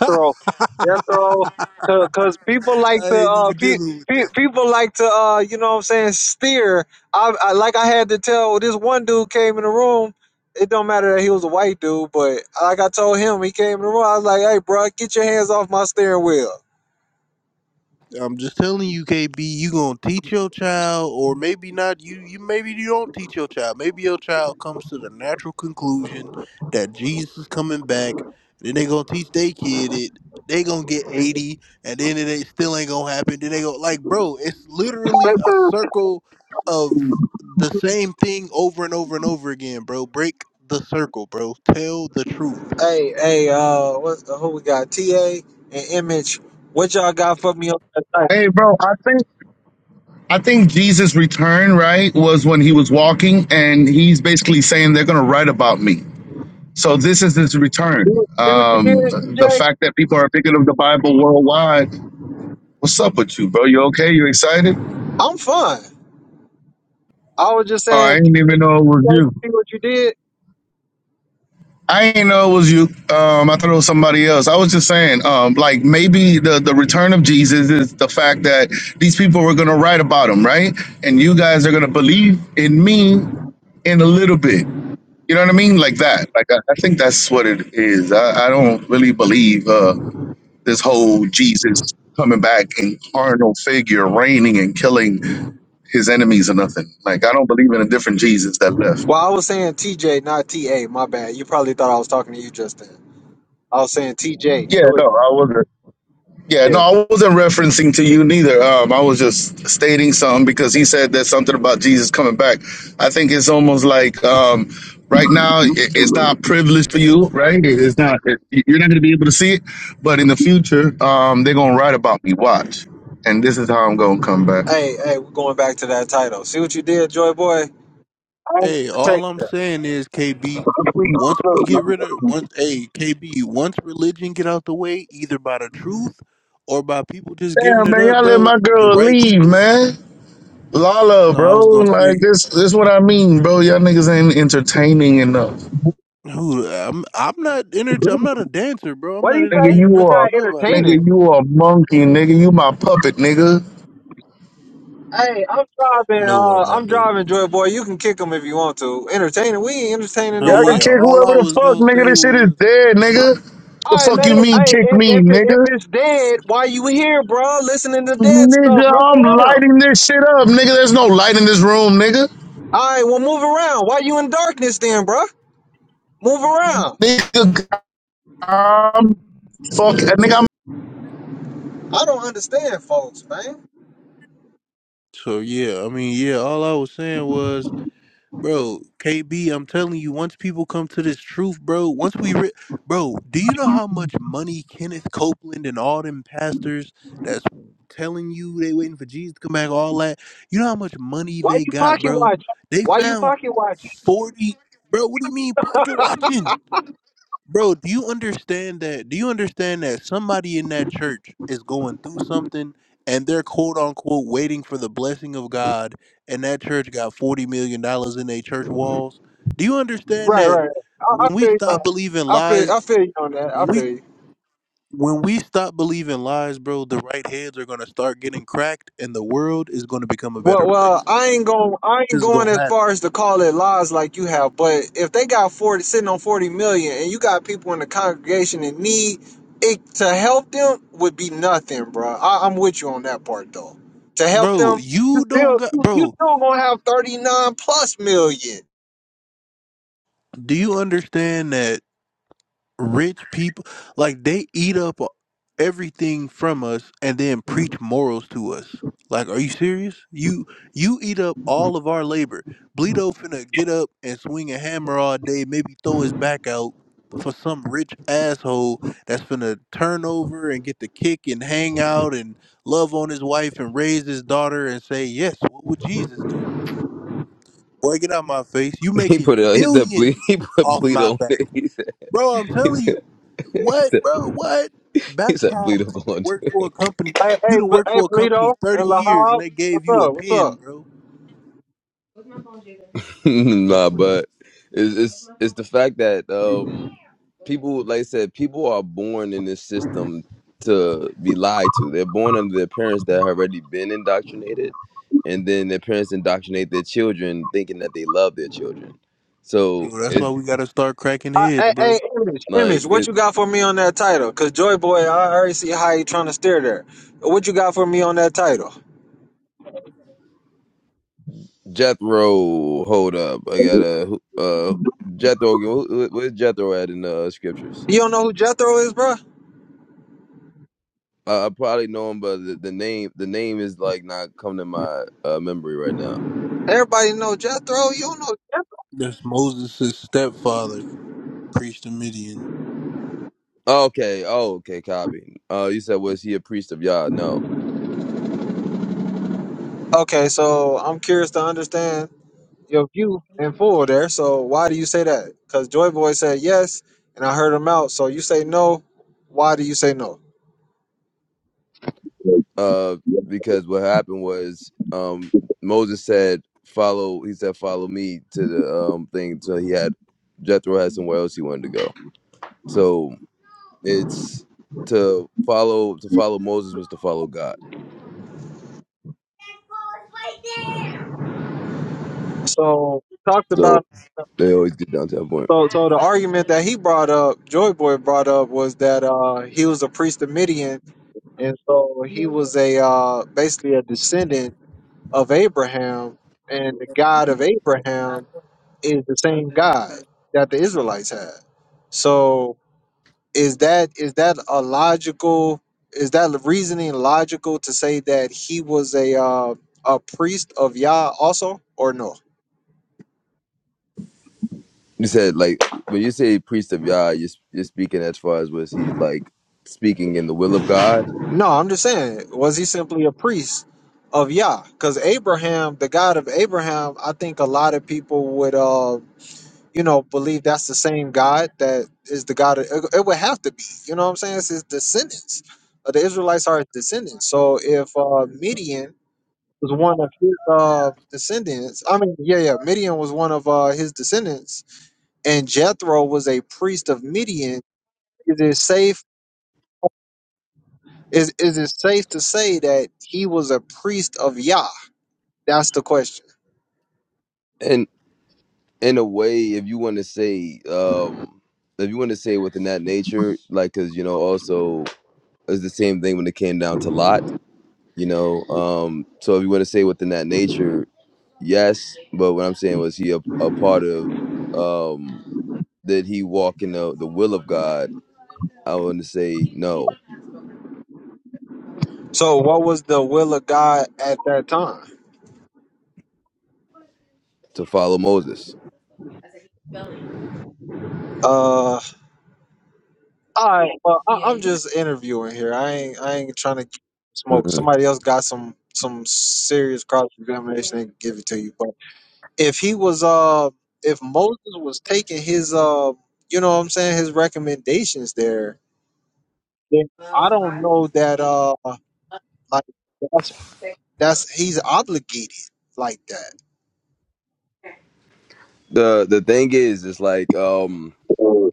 [SPEAKER 3] I
[SPEAKER 2] Jethro, because people like to,
[SPEAKER 3] ain't
[SPEAKER 2] uh,
[SPEAKER 3] even
[SPEAKER 2] pe-
[SPEAKER 3] dealing with that.
[SPEAKER 2] pe- people like to, uh, you know what I'm saying, steer. I, I Like I had to tell this one dude came in the room. It don't matter that he was a white dude, but like I told him, he came in the room. I was like, hey, bro, get your hands off my steering wheel.
[SPEAKER 3] I'm just telling you, KB, you gonna teach your child, or maybe not. You, you maybe you don't teach your child. Maybe your child comes to the natural conclusion that Jesus is coming back. Then they gonna teach their kid it. They gonna get eighty, and then it ain't, still ain't gonna happen. Then they go like, bro, it's literally a circle of the same thing over and over and over again, bro. Break the circle, bro. Tell the truth.
[SPEAKER 2] Hey, hey, uh, what's the, who we got? TA and Image. What y'all got for me on that site?
[SPEAKER 6] Hey, bro, I think I think Jesus' return, right, was when he was walking, and he's basically saying they're going to write about me. So this is his
[SPEAKER 2] See what
[SPEAKER 6] return.
[SPEAKER 2] see what you
[SPEAKER 6] Um,
[SPEAKER 2] did,
[SPEAKER 6] the
[SPEAKER 2] DJ?
[SPEAKER 6] fact that people are picking up the Bible worldwide. What's up with you, bro? You okay? You excited?
[SPEAKER 2] I'm fine. I was just
[SPEAKER 6] Oh, I
[SPEAKER 2] saying,
[SPEAKER 6] didn't even know it was
[SPEAKER 2] TJ,
[SPEAKER 6] you.
[SPEAKER 2] see what you did?
[SPEAKER 6] I didn't know it was you. Um, I thought it was somebody else. I was just saying, um, like maybe the the return of Jesus is the fact that these people were going to write about him, right? And you guys are going to believe in me in a little bit. You know what I mean? Like that. Like I, I think that's what it is. I, I don't really believe uh, this whole Jesus coming back in carnal figure, reigning and killing his enemies or nothing. Like I don't believe in a different Jesus that left.
[SPEAKER 2] Well, I was saying TJ, not TA. My bad. You probably thought I was talking to you just then. I was saying TJ,
[SPEAKER 6] Yeah,
[SPEAKER 2] Joy.
[SPEAKER 6] no, I wasn't. Yeah, no,
[SPEAKER 2] Yeah.
[SPEAKER 6] I wasn't referencing to you neither. Um, I was just stating something because he said that something about Jesus coming back. I think it's almost like um, right now i it's not privileged for you, right? It- It's not. It, you're not going to be able to see it, but in the future, um, they're going to write about me. Watch, and this is how I'm going to come back.
[SPEAKER 2] Hey, hey, we're going back to that title. See what you did, Joy Boy? I ain't
[SPEAKER 3] Hey, all
[SPEAKER 2] protect
[SPEAKER 3] I'm
[SPEAKER 2] that.
[SPEAKER 3] saying is KB. Once we get rid of once, hey KB. Once religion get out the way, either by the truth or by people just giving
[SPEAKER 6] Damn,
[SPEAKER 3] it
[SPEAKER 6] man,
[SPEAKER 3] up,
[SPEAKER 6] y'all let
[SPEAKER 3] bro.
[SPEAKER 6] my
[SPEAKER 3] The
[SPEAKER 6] girl
[SPEAKER 3] right
[SPEAKER 6] leave,
[SPEAKER 3] people.
[SPEAKER 6] man. Lala,
[SPEAKER 3] No, I was gonna
[SPEAKER 6] bro, like
[SPEAKER 3] say,
[SPEAKER 6] this. This what I mean, bro. Y'all niggas ain't entertaining enough.
[SPEAKER 3] who? I'm I'm not enter- I'm
[SPEAKER 2] What
[SPEAKER 3] not a dancer, bro. I'm
[SPEAKER 2] do
[SPEAKER 3] not
[SPEAKER 2] you say?
[SPEAKER 6] Nigga,
[SPEAKER 3] entertaining
[SPEAKER 6] you
[SPEAKER 3] nothing
[SPEAKER 2] We're
[SPEAKER 6] are
[SPEAKER 3] for
[SPEAKER 2] not
[SPEAKER 3] nobody.
[SPEAKER 2] entertaining.
[SPEAKER 6] nigga, you a monkey, nigga. You my puppet, nigga.
[SPEAKER 2] Hey, I'm driving.
[SPEAKER 3] No,
[SPEAKER 2] Uh, I'm
[SPEAKER 3] Armando.
[SPEAKER 2] driving, Joy Boy. You can kick him if you want to. Entertaining? We ain't entertaining
[SPEAKER 3] But
[SPEAKER 6] Y'all can
[SPEAKER 3] yeah,
[SPEAKER 2] nobody.
[SPEAKER 6] kick
[SPEAKER 3] all I
[SPEAKER 6] whoever the
[SPEAKER 3] was
[SPEAKER 6] fuck,
[SPEAKER 3] gonna
[SPEAKER 6] nigga.
[SPEAKER 3] say
[SPEAKER 6] This shit is
[SPEAKER 3] was.
[SPEAKER 6] dead, nigga.
[SPEAKER 2] All
[SPEAKER 6] The
[SPEAKER 2] right,
[SPEAKER 6] fuck
[SPEAKER 2] let
[SPEAKER 6] you
[SPEAKER 2] it.
[SPEAKER 6] mean
[SPEAKER 2] Hey,
[SPEAKER 6] kick
[SPEAKER 2] if
[SPEAKER 6] me,
[SPEAKER 2] if, it, if
[SPEAKER 6] nigga?
[SPEAKER 2] it's dead, why you here, bro? Listening to dead stuff,
[SPEAKER 6] Nigga, I'm
[SPEAKER 2] nigga.
[SPEAKER 6] lighting this shit up, nigga. There's no light in this room, nigga.
[SPEAKER 2] All right, well, move around. Why you in darkness then, bruh? Move around.
[SPEAKER 6] Nigga, I'm fuck, nigga. I'm.
[SPEAKER 2] I don't understand, folks, man.
[SPEAKER 3] So yeah, I mean yeah, all I was saying was Bro, KB, I'm telling you, once people come to this truth, bro, once we, re- bro, do you know how much money Kenneth Copeland and all them pastors that's telling you they waiting for Jesus to come back, all that, you know how much money
[SPEAKER 2] Why
[SPEAKER 3] they
[SPEAKER 2] you
[SPEAKER 3] got,
[SPEAKER 2] pocket
[SPEAKER 3] bro?
[SPEAKER 2] watch?
[SPEAKER 3] They
[SPEAKER 2] Why you
[SPEAKER 3] found
[SPEAKER 2] pocket watch?
[SPEAKER 3] 40, bro, what do you mean pocket watching? Bro, do you understand that? Do you understand that somebody in that church is going through something and they're quote unquote waiting for the blessing of God and that church got $40 million dollars in their church walls? Do you understand
[SPEAKER 2] Right,
[SPEAKER 3] that
[SPEAKER 2] right. I, I
[SPEAKER 3] when we
[SPEAKER 2] feel you. On,
[SPEAKER 3] stop believing
[SPEAKER 2] I feel.
[SPEAKER 3] lies,
[SPEAKER 2] I feel you on that. I
[SPEAKER 3] we
[SPEAKER 2] feel you.
[SPEAKER 3] when we stop believing lies, bro, the right heads are going to start getting cracked and the world is going to become a better
[SPEAKER 2] Well, well,
[SPEAKER 3] place.
[SPEAKER 2] I ain't going. I ain't
[SPEAKER 3] This is
[SPEAKER 2] going
[SPEAKER 3] going to
[SPEAKER 2] as
[SPEAKER 3] happen.
[SPEAKER 2] far as to call it lies like you have. But if they got forty sitting on forty million, and you got people in the congregation in need, it to help them would be nothing, bro. I, I'm with you on that part though. To help
[SPEAKER 3] Bro,
[SPEAKER 2] them, you
[SPEAKER 3] you don't
[SPEAKER 2] still
[SPEAKER 3] got
[SPEAKER 2] you, you
[SPEAKER 3] bro,
[SPEAKER 2] still gonna have thirty nine plus million.
[SPEAKER 3] do you understand that rich people like they eat up everything from us and then preach morals to us like are you serious you you eat up all of our labor bleedo finna get up and swing a hammer all day maybe throw his back out for some rich asshole that's finna turn over and get the kick and hang out and love on his wife and raise his daughter and say yes what would jesus do boy get out my face you
[SPEAKER 5] He
[SPEAKER 3] making
[SPEAKER 5] put it. He said, "Bleed."
[SPEAKER 3] millions
[SPEAKER 5] He put
[SPEAKER 3] off
[SPEAKER 5] bleed
[SPEAKER 3] my
[SPEAKER 5] on
[SPEAKER 3] back
[SPEAKER 5] it.
[SPEAKER 3] Bro, I'm
[SPEAKER 5] He said.
[SPEAKER 3] telling you.
[SPEAKER 5] he
[SPEAKER 3] What,
[SPEAKER 5] said,
[SPEAKER 3] bro? What? Back
[SPEAKER 5] he said bleed him
[SPEAKER 3] problems. You done
[SPEAKER 5] on.
[SPEAKER 3] worked for a company.
[SPEAKER 2] Hey,
[SPEAKER 3] You
[SPEAKER 2] hey,
[SPEAKER 3] done
[SPEAKER 2] but
[SPEAKER 3] worked
[SPEAKER 2] hey,
[SPEAKER 3] for a company
[SPEAKER 2] Polito
[SPEAKER 3] 30
[SPEAKER 2] and
[SPEAKER 3] years and
[SPEAKER 2] Lahab,
[SPEAKER 3] they
[SPEAKER 2] what's
[SPEAKER 3] gave you a
[SPEAKER 2] up? What's
[SPEAKER 3] pen,
[SPEAKER 2] up?
[SPEAKER 3] bro.
[SPEAKER 5] nah, but it's, it's it's the fact that um people, like I said, people are born in this system to be lied to. They're born under their parents that have already been indoctrinated, and then their parents indoctrinate their children thinking that they love their children.
[SPEAKER 3] So
[SPEAKER 5] So
[SPEAKER 3] that's why
[SPEAKER 5] it's
[SPEAKER 3] we gotta start cracking
[SPEAKER 2] Uh,
[SPEAKER 3] heads,
[SPEAKER 2] hey,
[SPEAKER 3] bro.
[SPEAKER 2] hey, image, image,
[SPEAKER 5] like
[SPEAKER 2] what
[SPEAKER 5] it.
[SPEAKER 2] you got for me on that title? Cause Joy Boy, I already see how you trying to steer there. What you got for me on that title?
[SPEAKER 5] Jethro, hold up, I gotta. Uh, Jethro, wh- wh- where's Jethro at in uh, scriptures?
[SPEAKER 2] You don't know who Jethro is, bro?
[SPEAKER 5] I, I probably know him, but the, the name the name is like not coming to my uh, memory right now.
[SPEAKER 2] Everybody know Jethro. You don't know Jethro.
[SPEAKER 3] That's Moses' stepfather, priest of Midian.
[SPEAKER 5] Oh, okay, oh okay, copy. Uh, you said was he a priest of Yah? No,
[SPEAKER 2] Okay, so I'm curious to understand your view in full there. So why do you say that? Because Joy Boy said yes, and I heard him out. So you say no. Why do you say no?
[SPEAKER 5] uh, because what happened was um Moses said follow. He said follow me to the um thing. So he had Jethro had somewhere else he wanted to go. So it's to follow to follow Moses was to follow God.
[SPEAKER 2] So talked
[SPEAKER 5] So
[SPEAKER 2] about
[SPEAKER 5] they always get down to that point.
[SPEAKER 2] so so the argument that he brought up, Joy Boy brought up, was that uh he was a priest of Midian, and so he was a uh basically a descendant of Abraham, and the God of Abraham is the same God that the Israelites had. So is that is that a logical is that reasoning logical to say that he was a uh, a priest of Yah also or no?
[SPEAKER 5] You said like when you say priest of Yah, you're, you're speaking as far as was he like speaking in the will of God,
[SPEAKER 2] No, I'm just saying was he simply a priest of Yah? Because Abraham, the God of Abraham, I think a lot of people would uh you know, believe that's the same God that is the God. Of, it, it would have to be. You know what I'm saying? It's his descendants. Uh, the Israelites are his descendants. So if uh, Midian was one of his uh, descendants, I mean, yeah, yeah, Midian was one of uh, his descendants, and Jethro was a priest of Midian. Is it safe? Is is it safe to say that he was a priest of Yah? That's the question.
[SPEAKER 5] and in a way, if you want to say, um, if you want to say within that nature, like because you know also it's the same thing when it came down to Lot, you know. Um, so if you want to say within that nature, yes, but what I'm saying was he a, a part of, um, did he walk in the the will of God? I want to say no
[SPEAKER 2] So, what was the will of God at that time?
[SPEAKER 5] to follow Moses.
[SPEAKER 2] Uh, All right, well, I, I'm just interviewing here. I ain't, I ain't trying to smoke. Somebody else got some, some serious cross examination and give it to you. But if he was, uh, if Moses was taking his, uh, you know, what I'm saying his recommendations there, then I don't know that, uh, like that's that's he's obligated like that.
[SPEAKER 5] the the thing is is like um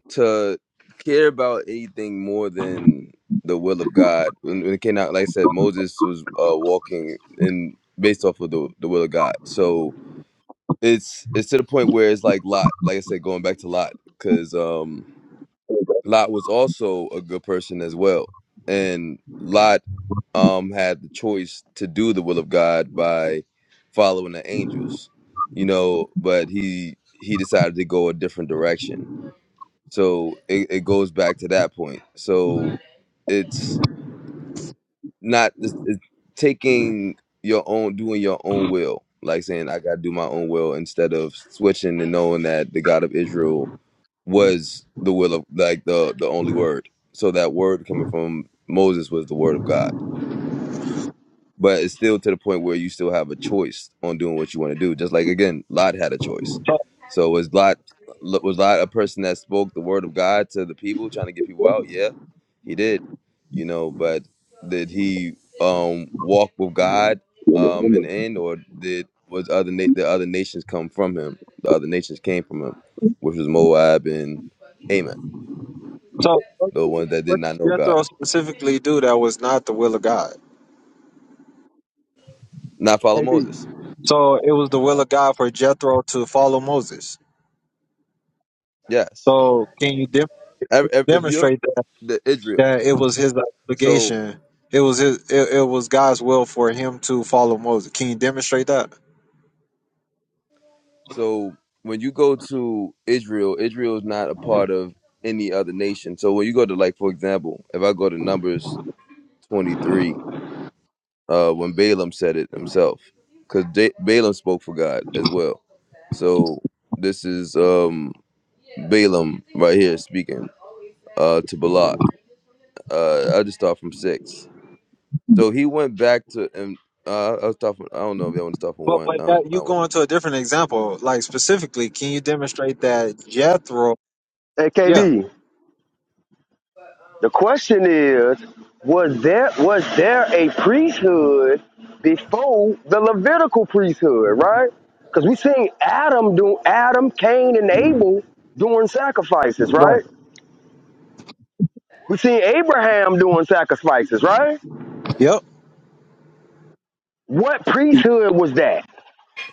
[SPEAKER 5] to care about anything more than the will of god when, when it came out like i said moses was uh walking in based off of the, the will of god so it's it's to the point where it's like lot like i said going back to lot because Lot was also a good person as well. And Lot um had the choice to do the will of God by following the angels, you know, but he he decided to go a different direction. So it, it goes back to that point. So it's not it's, it's taking your own doing your own will, like saying I gotta do my own will instead of switching and knowing that the God of Israel was the will of like the the only word. So that word coming from Moses was the word of God. But it's still to the point where you still have a choice on doing what you want to do. Just like again, Lot had a choice.
[SPEAKER 2] So,
[SPEAKER 5] So was Lot was Lot a person that spoke the word of God to the people, trying to get people out? Yeah, he did. You know, but did he um walk with God um in the end, or did was other na- the other nations come from him? The other nations came from him, which was Moab and Ammon
[SPEAKER 2] so what
[SPEAKER 5] the ones that did
[SPEAKER 2] what
[SPEAKER 5] not
[SPEAKER 2] did
[SPEAKER 5] know God,
[SPEAKER 2] Jethro specifically do that was not the will of God?
[SPEAKER 5] not follow
[SPEAKER 7] KB.
[SPEAKER 5] Moses.
[SPEAKER 2] So it was the will
[SPEAKER 7] Uh,
[SPEAKER 2] of God for Jethro to follow Moses.
[SPEAKER 5] Yes,
[SPEAKER 2] So can you dem
[SPEAKER 5] if, if if you're
[SPEAKER 2] demonstrate that,
[SPEAKER 5] the Israel,
[SPEAKER 2] that it was his
[SPEAKER 5] so
[SPEAKER 2] obligation? It was his. It, it was God's will for him to follow Moses. Can you demonstrate that?
[SPEAKER 5] so when you go to Israel, Israel is not a part of any other nation. So when you go to like, for example, if I go to Numbers twenty three, uh, when Balaam said it himself, because Balaam spoke for God as well. So this is um Balaam right here speaking uh to Balak. Uh, I just start from six. So he went back to and uh, I was talking. I don't know if y'all want to stop for
[SPEAKER 2] But
[SPEAKER 5] one.
[SPEAKER 2] but
[SPEAKER 5] I don't.
[SPEAKER 2] that
[SPEAKER 5] I
[SPEAKER 2] you go
[SPEAKER 5] want to.
[SPEAKER 2] into a different example, like specifically, can you demonstrate that Jethro?
[SPEAKER 7] hey,
[SPEAKER 2] Yeah.
[SPEAKER 7] KB. The question is, was there was there a priesthood before the Levitical priesthood, right? Because we seen Adam do Adam, Cain, and Abel doing sacrifices,
[SPEAKER 2] Right.
[SPEAKER 7] right? We seen Abraham doing sacrifices, right?
[SPEAKER 2] Yep.
[SPEAKER 7] What priesthood was that?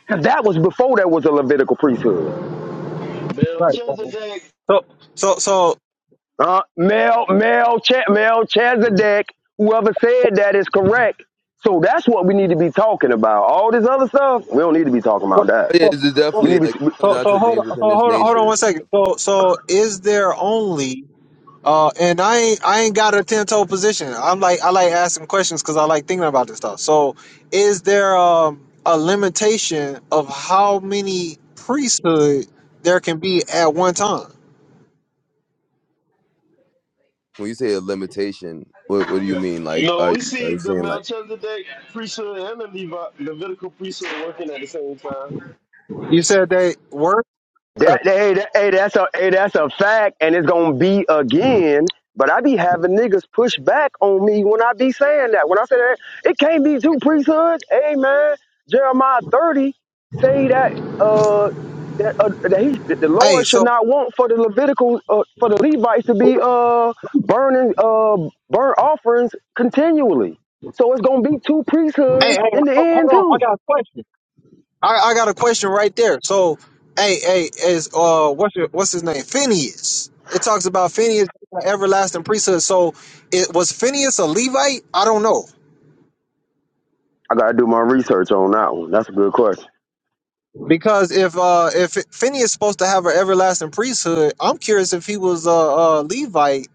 [SPEAKER 7] Because that was before there was a Levitical priesthood.
[SPEAKER 2] Right. So
[SPEAKER 4] Melchizedek.
[SPEAKER 2] so so
[SPEAKER 7] Uh, Mel, Mel, Ch- Mel Chazadek, whoever said that is correct. So that's what we need to be talking about. All this other stuff, we don't need to be talking
[SPEAKER 2] so
[SPEAKER 7] about that.
[SPEAKER 5] But yeah,
[SPEAKER 2] so
[SPEAKER 5] it's just
[SPEAKER 7] We
[SPEAKER 5] definitely
[SPEAKER 7] need
[SPEAKER 5] like
[SPEAKER 7] to. be,
[SPEAKER 5] it comes
[SPEAKER 2] so, so
[SPEAKER 5] down to
[SPEAKER 2] hold
[SPEAKER 5] things
[SPEAKER 2] on. So
[SPEAKER 5] within this
[SPEAKER 2] hold on. Hold on
[SPEAKER 5] nature.
[SPEAKER 2] one second. So so is there only Uh, and I ain't I ain't got a ten toe position. I'm like I like asking questions because I like thinking about this stuff. So, is there um, a limitation of how many priesthood there can be at one time?
[SPEAKER 5] When you say a limitation, what what do you mean? Like,
[SPEAKER 4] No,
[SPEAKER 5] are
[SPEAKER 4] we
[SPEAKER 5] you are
[SPEAKER 4] see
[SPEAKER 5] you
[SPEAKER 4] the
[SPEAKER 5] saying like?
[SPEAKER 4] Melchizedek priesthood and the Levi- Levitical priesthood working at the same time.
[SPEAKER 2] You said they were.
[SPEAKER 7] That hey, that, hey, that's a hey, that's a fact, and it's gonna be again. But I be having niggas push back on me when I be saying that. When I say that, it can't be two priesthoods. Hey man, Jeremiah thirty say that uh that uh, that he that the Lord
[SPEAKER 2] Hey,
[SPEAKER 7] should
[SPEAKER 2] so
[SPEAKER 7] not want for the Levitical uh, for the Levites to be uh burning uh burnt offerings continually. So it's gonna be two
[SPEAKER 2] hey, hey,
[SPEAKER 7] priesthoods in the
[SPEAKER 2] ho-
[SPEAKER 7] end
[SPEAKER 2] hold on. I
[SPEAKER 7] too.
[SPEAKER 2] got a question. I, I got a question right there. So, hey, hey, is uh, what's your, what's his name? Phineas. It talks about Phineas, everlasting priesthood. So, it was Phineas a Levite? I don't know.
[SPEAKER 7] I gotta do my research on that one. That's a good question.
[SPEAKER 2] Because if uh if Phineas is supposed to have an everlasting priesthood, I'm curious if he was a, a Levite,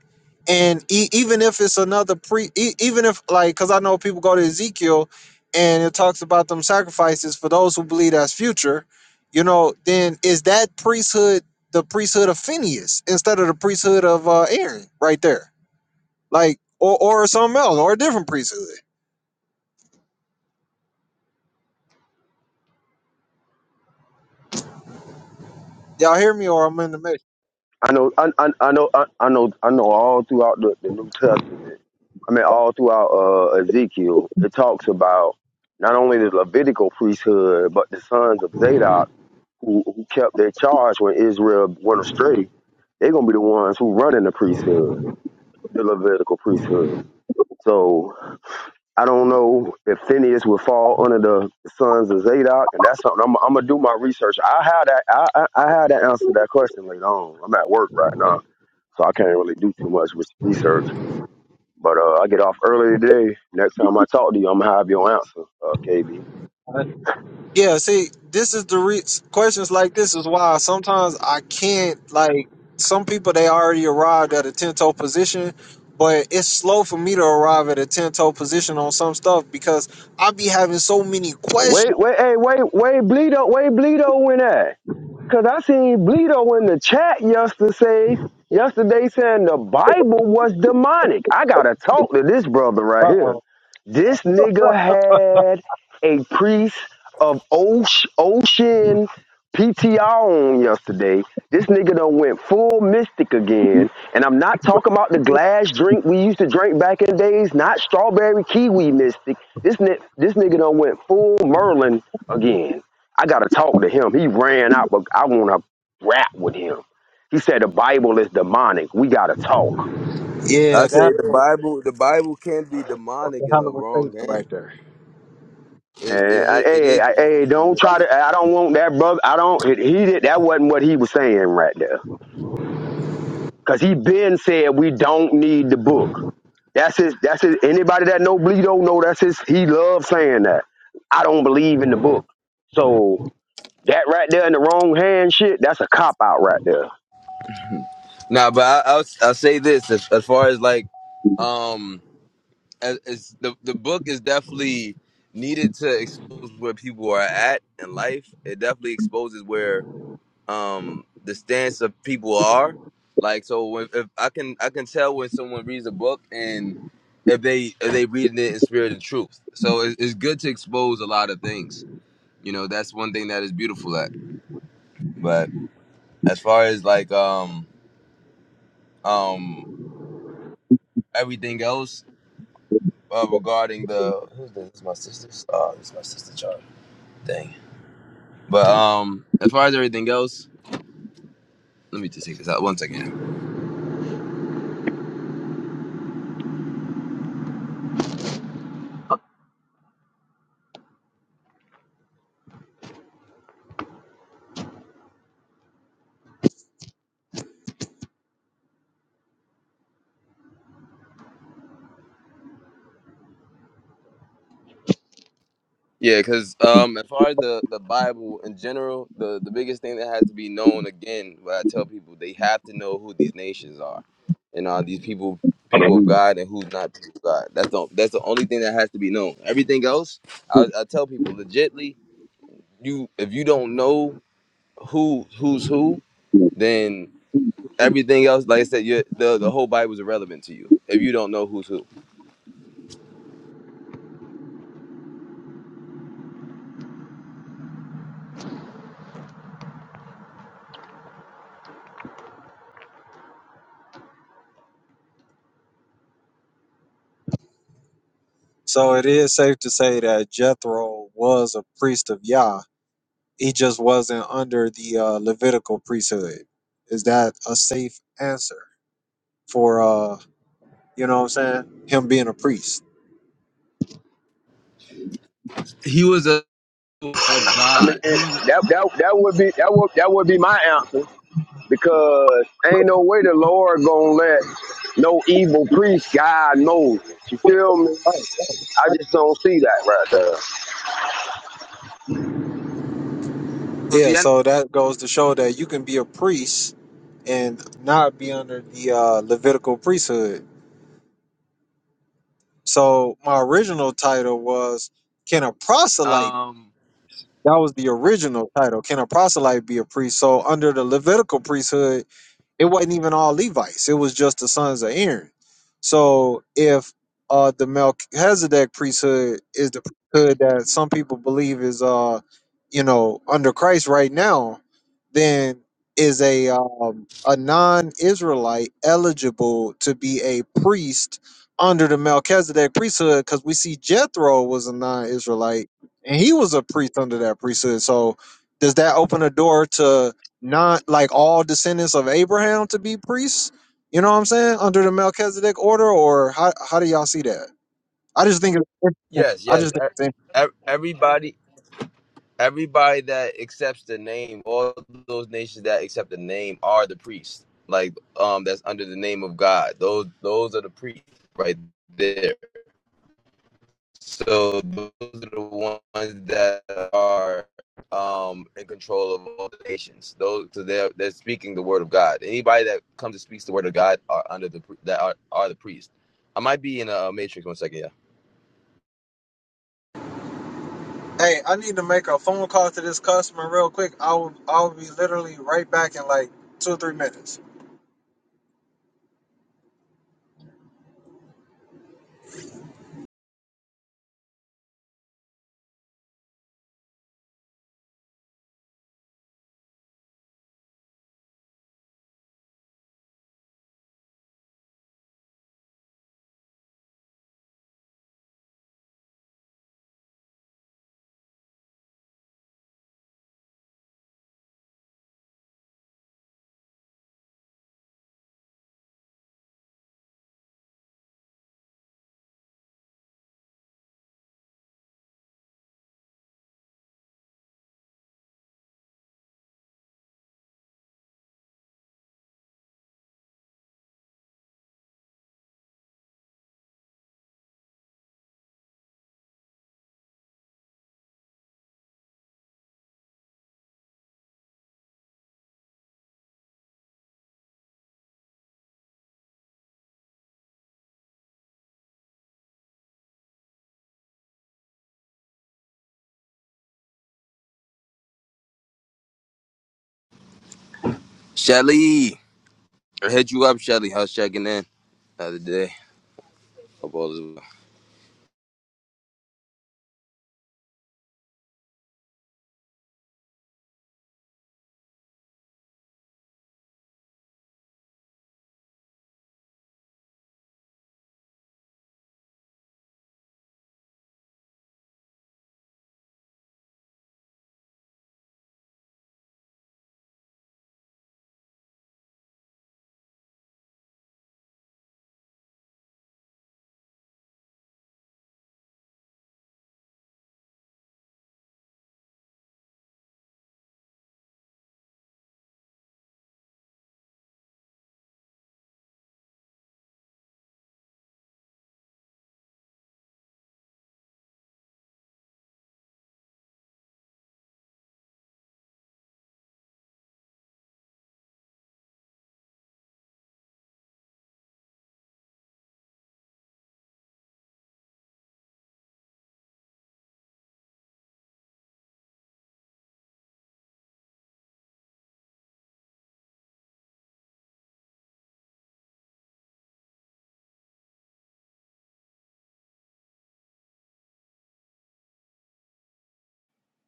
[SPEAKER 2] and e- even if it's another pre, e- even if like, because I know people go to Ezekiel, and it talks about them sacrifices for those who believe that's future, you know, then is that priesthood the priesthood of Phineas instead of the priesthood of uh, Aaron right there, like, or or something else, or a different priesthood? Y'all hear me, or I'm in the matrix?
[SPEAKER 7] I know, I, I, I know, I, I know, I know. All throughout the, the New Testament, I mean, all throughout uh, Ezekiel, it talks about not only the Levitical priesthood, but the sons of Zadok who, who kept their charge when Israel went astray. They're gonna be the ones who run in the priesthood, the Levitical priesthood. So I don't know if Phineas would fall under the sons of Zadok, and that's something I'm, I'm gonna do my research. I have that. I, I I have to answer that question later on. I'm at work right now so I can't really do too much with research. But uh, I get off early today. Next time I talk to you, I'm gonna have your answer, uh, KB.
[SPEAKER 2] Yeah, see, this is the re- questions like this is why sometimes I can't like some people they already arrived at a ten toe position, but it's slow for me to arrive at a ten toe position on some stuff because I be having so many questions.
[SPEAKER 7] Wait, wait, hey, wait, wait, Bleedo, wait, Bleedo went at. Cause I seen Bleedo in the chat yesterday, yesterday saying the Bible was demonic. I gotta talk to this brother right here. This nigga had a priest of Osh, PTR on yesterday. This nigga done went full mystic again. And I'm not talking about the glass drink we used to drink back in days, not strawberry kiwi mystic. This, ni- this nigga done went full Merlin again. I gotta talk to him. He ran out, but I wanna rap with him. He said the Bible is demonic. We gotta talk.
[SPEAKER 5] I
[SPEAKER 2] Yeah,
[SPEAKER 5] say
[SPEAKER 2] that's
[SPEAKER 5] the
[SPEAKER 2] a,
[SPEAKER 5] Bible. The Bible can be
[SPEAKER 2] that's a
[SPEAKER 5] demonic in
[SPEAKER 2] hell
[SPEAKER 5] the
[SPEAKER 2] of a
[SPEAKER 5] wrong
[SPEAKER 2] statement
[SPEAKER 5] hand.
[SPEAKER 2] right there.
[SPEAKER 5] It
[SPEAKER 7] And
[SPEAKER 5] is
[SPEAKER 7] I,
[SPEAKER 5] it, it is
[SPEAKER 7] hey, I, hey,
[SPEAKER 5] demonic. In
[SPEAKER 7] don't
[SPEAKER 5] the,
[SPEAKER 7] try to. I don't want that brother. I don't. He did. That wasn't what he was saying right there. Cause he been said we don't need the book. That's his. That's his. Anybody that know Bleedo know that's his. He loves saying that. I don't believe in the book. So that right there in the wrong hand shit. That's a cop out right there.
[SPEAKER 5] nah, but I I'll, I'll say this as, as far as like um as, as the the book is definitely needed to expose where people are at in life. It definitely exposes where um the stance of people are like so when, if i can i can tell when someone reads a book and if they if they reading it in spirit and truth so it's, it's good to expose a lot of things you know that's one thing that is beautiful at but as far as like um um everything else uh, regarding the who's this? this is my sister's oh this is my sister Charlie. dang but um as far as everything else let me just take this out One second. Yeah, because um, as far as the, the Bible in general, the, the biggest thing that has to be known again, what I tell people, they have to know who these nations are, and are these people people of God and who's not people of God. That's the that's the only thing that has to be known. Everything else, I, I tell people, legitly, you if you don't know who who's who, then everything else, like I said, you the the whole Bible is irrelevant to you if you don't know who's who.
[SPEAKER 2] So it is safe to say that Jethro was a priest of Yah. He just wasn't under the uh, Levitical priesthood. Is that a safe answer for? uh You know what I'm saying? Him being a priest.
[SPEAKER 5] He was a of
[SPEAKER 7] I mean,
[SPEAKER 5] God. He
[SPEAKER 7] it-
[SPEAKER 5] was a
[SPEAKER 7] that that that would be that would that would be my answer because ain't no way the Lord gonna let no evil priest guide Moses. You feel me? I just don't see that right there.
[SPEAKER 5] so
[SPEAKER 2] Yeah,
[SPEAKER 5] the end.
[SPEAKER 2] so that goes to show that you can be a priest and not be under the uh, Levitical priesthood. So my original title was Can a proselyte?
[SPEAKER 5] Um.
[SPEAKER 2] That was the original title. Can a proselyte be a priest? So under the Levitical priesthood, It wasn't even all Levites. It was just the sons of Aaron. So if uh the Melchizedek priesthood is the priesthood that some people believe is uh you know under Christ right now, then is a um a non-Israelite eligible to be a priest under the Melchizedek priesthood? Because we see Jethro was a non-Israelite and he was a priest under that priesthood. So does that open a door to? not like all descendants of Abraham to be priests. You know what I'm saying? Under the Melchizedek order, or how how do y'all see that? I just think it's interesting.
[SPEAKER 5] Yes,
[SPEAKER 2] I
[SPEAKER 5] yes.
[SPEAKER 2] just think
[SPEAKER 5] E-
[SPEAKER 2] it's interesting.
[SPEAKER 5] e- Everybody, everybody that accepts the name, all those nations that accept the name are the priests. Like, um, that's under the name of God. Those, those are the priests right there. So those are the ones that are, um, in control of all the nations. Those, so they're they're speaking the word of God. Anybody that comes and speaks the word of God are under the pri- that are, are the priests. I might be in a matrix. One second, yeah.
[SPEAKER 2] Hey, I need to make a phone call to this customer real quick. I'll I'll be literally right back in like two or three minutes.
[SPEAKER 5] Shelly. I hit you up, Shelly. How's checking in? The other day. Hope all is well.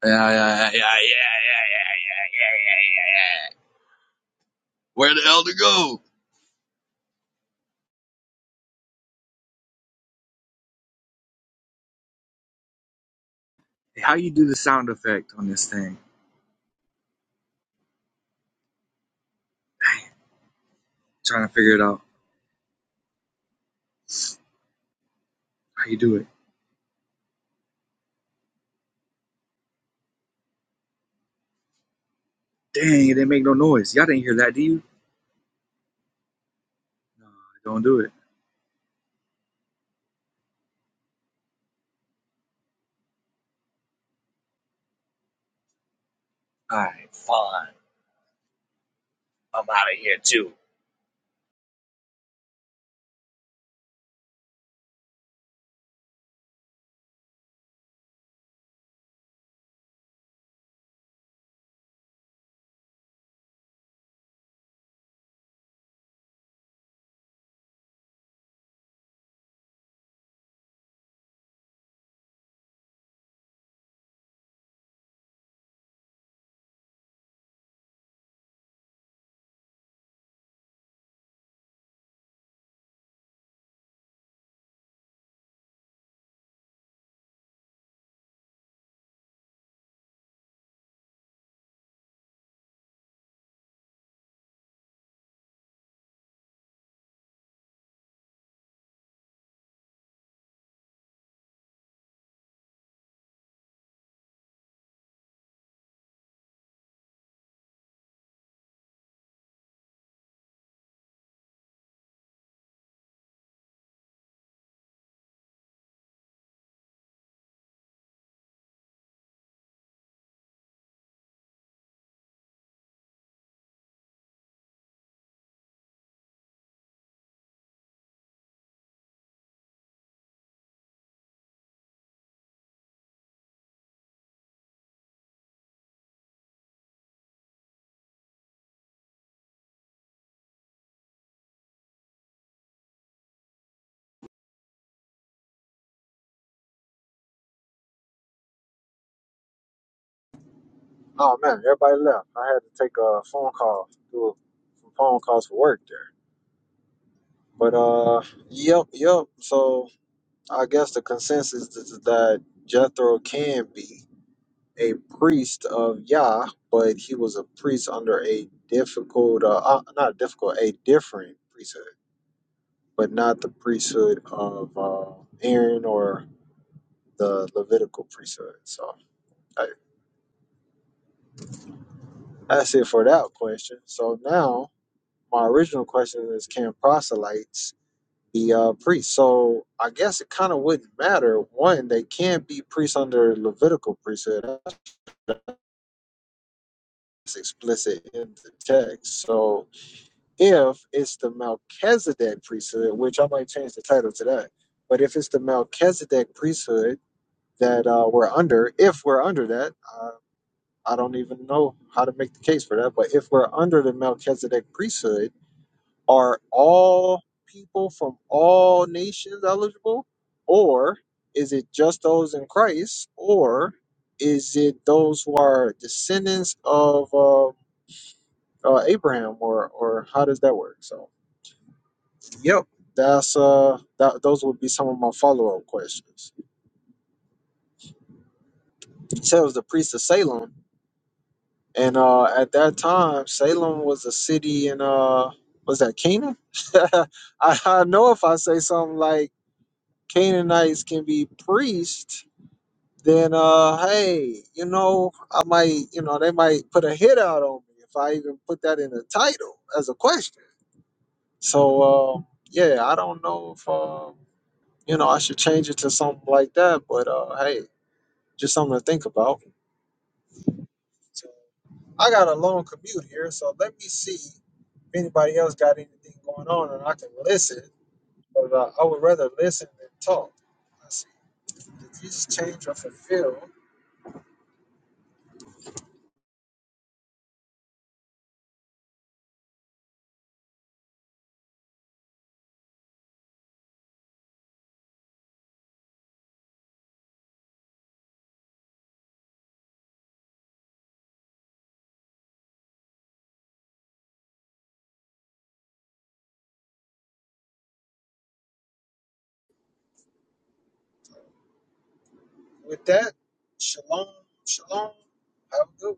[SPEAKER 8] Yeah, yeah, yeah, yeah, yeah, yeah. Where the hell to go? How you do the sound effect on this thing? Dang, trying to figure it out. How you do it? Dang, it didn't make no noise. Y'all didn't hear that, do you? No, don't do it. All right, fine. I'm out of here too.
[SPEAKER 2] Oh man, everybody left. I had to take a phone call, do a, some phone calls for work there. But uh, yep, yep. So I guess the consensus is that Jethro can be. a priest of Yah, but he was a priest under a difficult, uh, uh, not difficult, a different priesthood, but not the priesthood of uh, Aaron or the Levitical priesthood. So I, that's it for that question. So now my original question is can proselytes be uh, priests? So I guess it kind of wouldn't matter. One, they can be priests under Levitical priesthood. That's explicit in the text. So if it's the Melchizedek priesthood, which I might change the title to that, but if it's the Melchizedek priesthood that uh, we're under, if we're under that, uh, I don't even know how to make the case for that, but if we're under the Melchizedek priesthood, are all people from all nations eligible? Or is it just those in Christ? Or is it those who are descendants of uh, uh, Abraham? Or, or how does that work? So. Yep, that's uh, that, those would be some of my follow-up questions. He tells the priest of Salem, and uh, at that time, Salem was a city in uh, was that Canaan? I, I know if I say something like Canaanites can be priests, then uh, hey, you know, I might, you know, they might put a hit out on me if I even put that in the title as a question. So uh, yeah, I don't know if uh, you know I should change it to something like that, but uh, hey Just something to think about. So I got a long commute here, so let me see if anybody else got anything going on and I can listen. But uh, I would rather listen than talk. I see. Did Jesus change or fulfill? With that, shalom, shalom. Have a good one.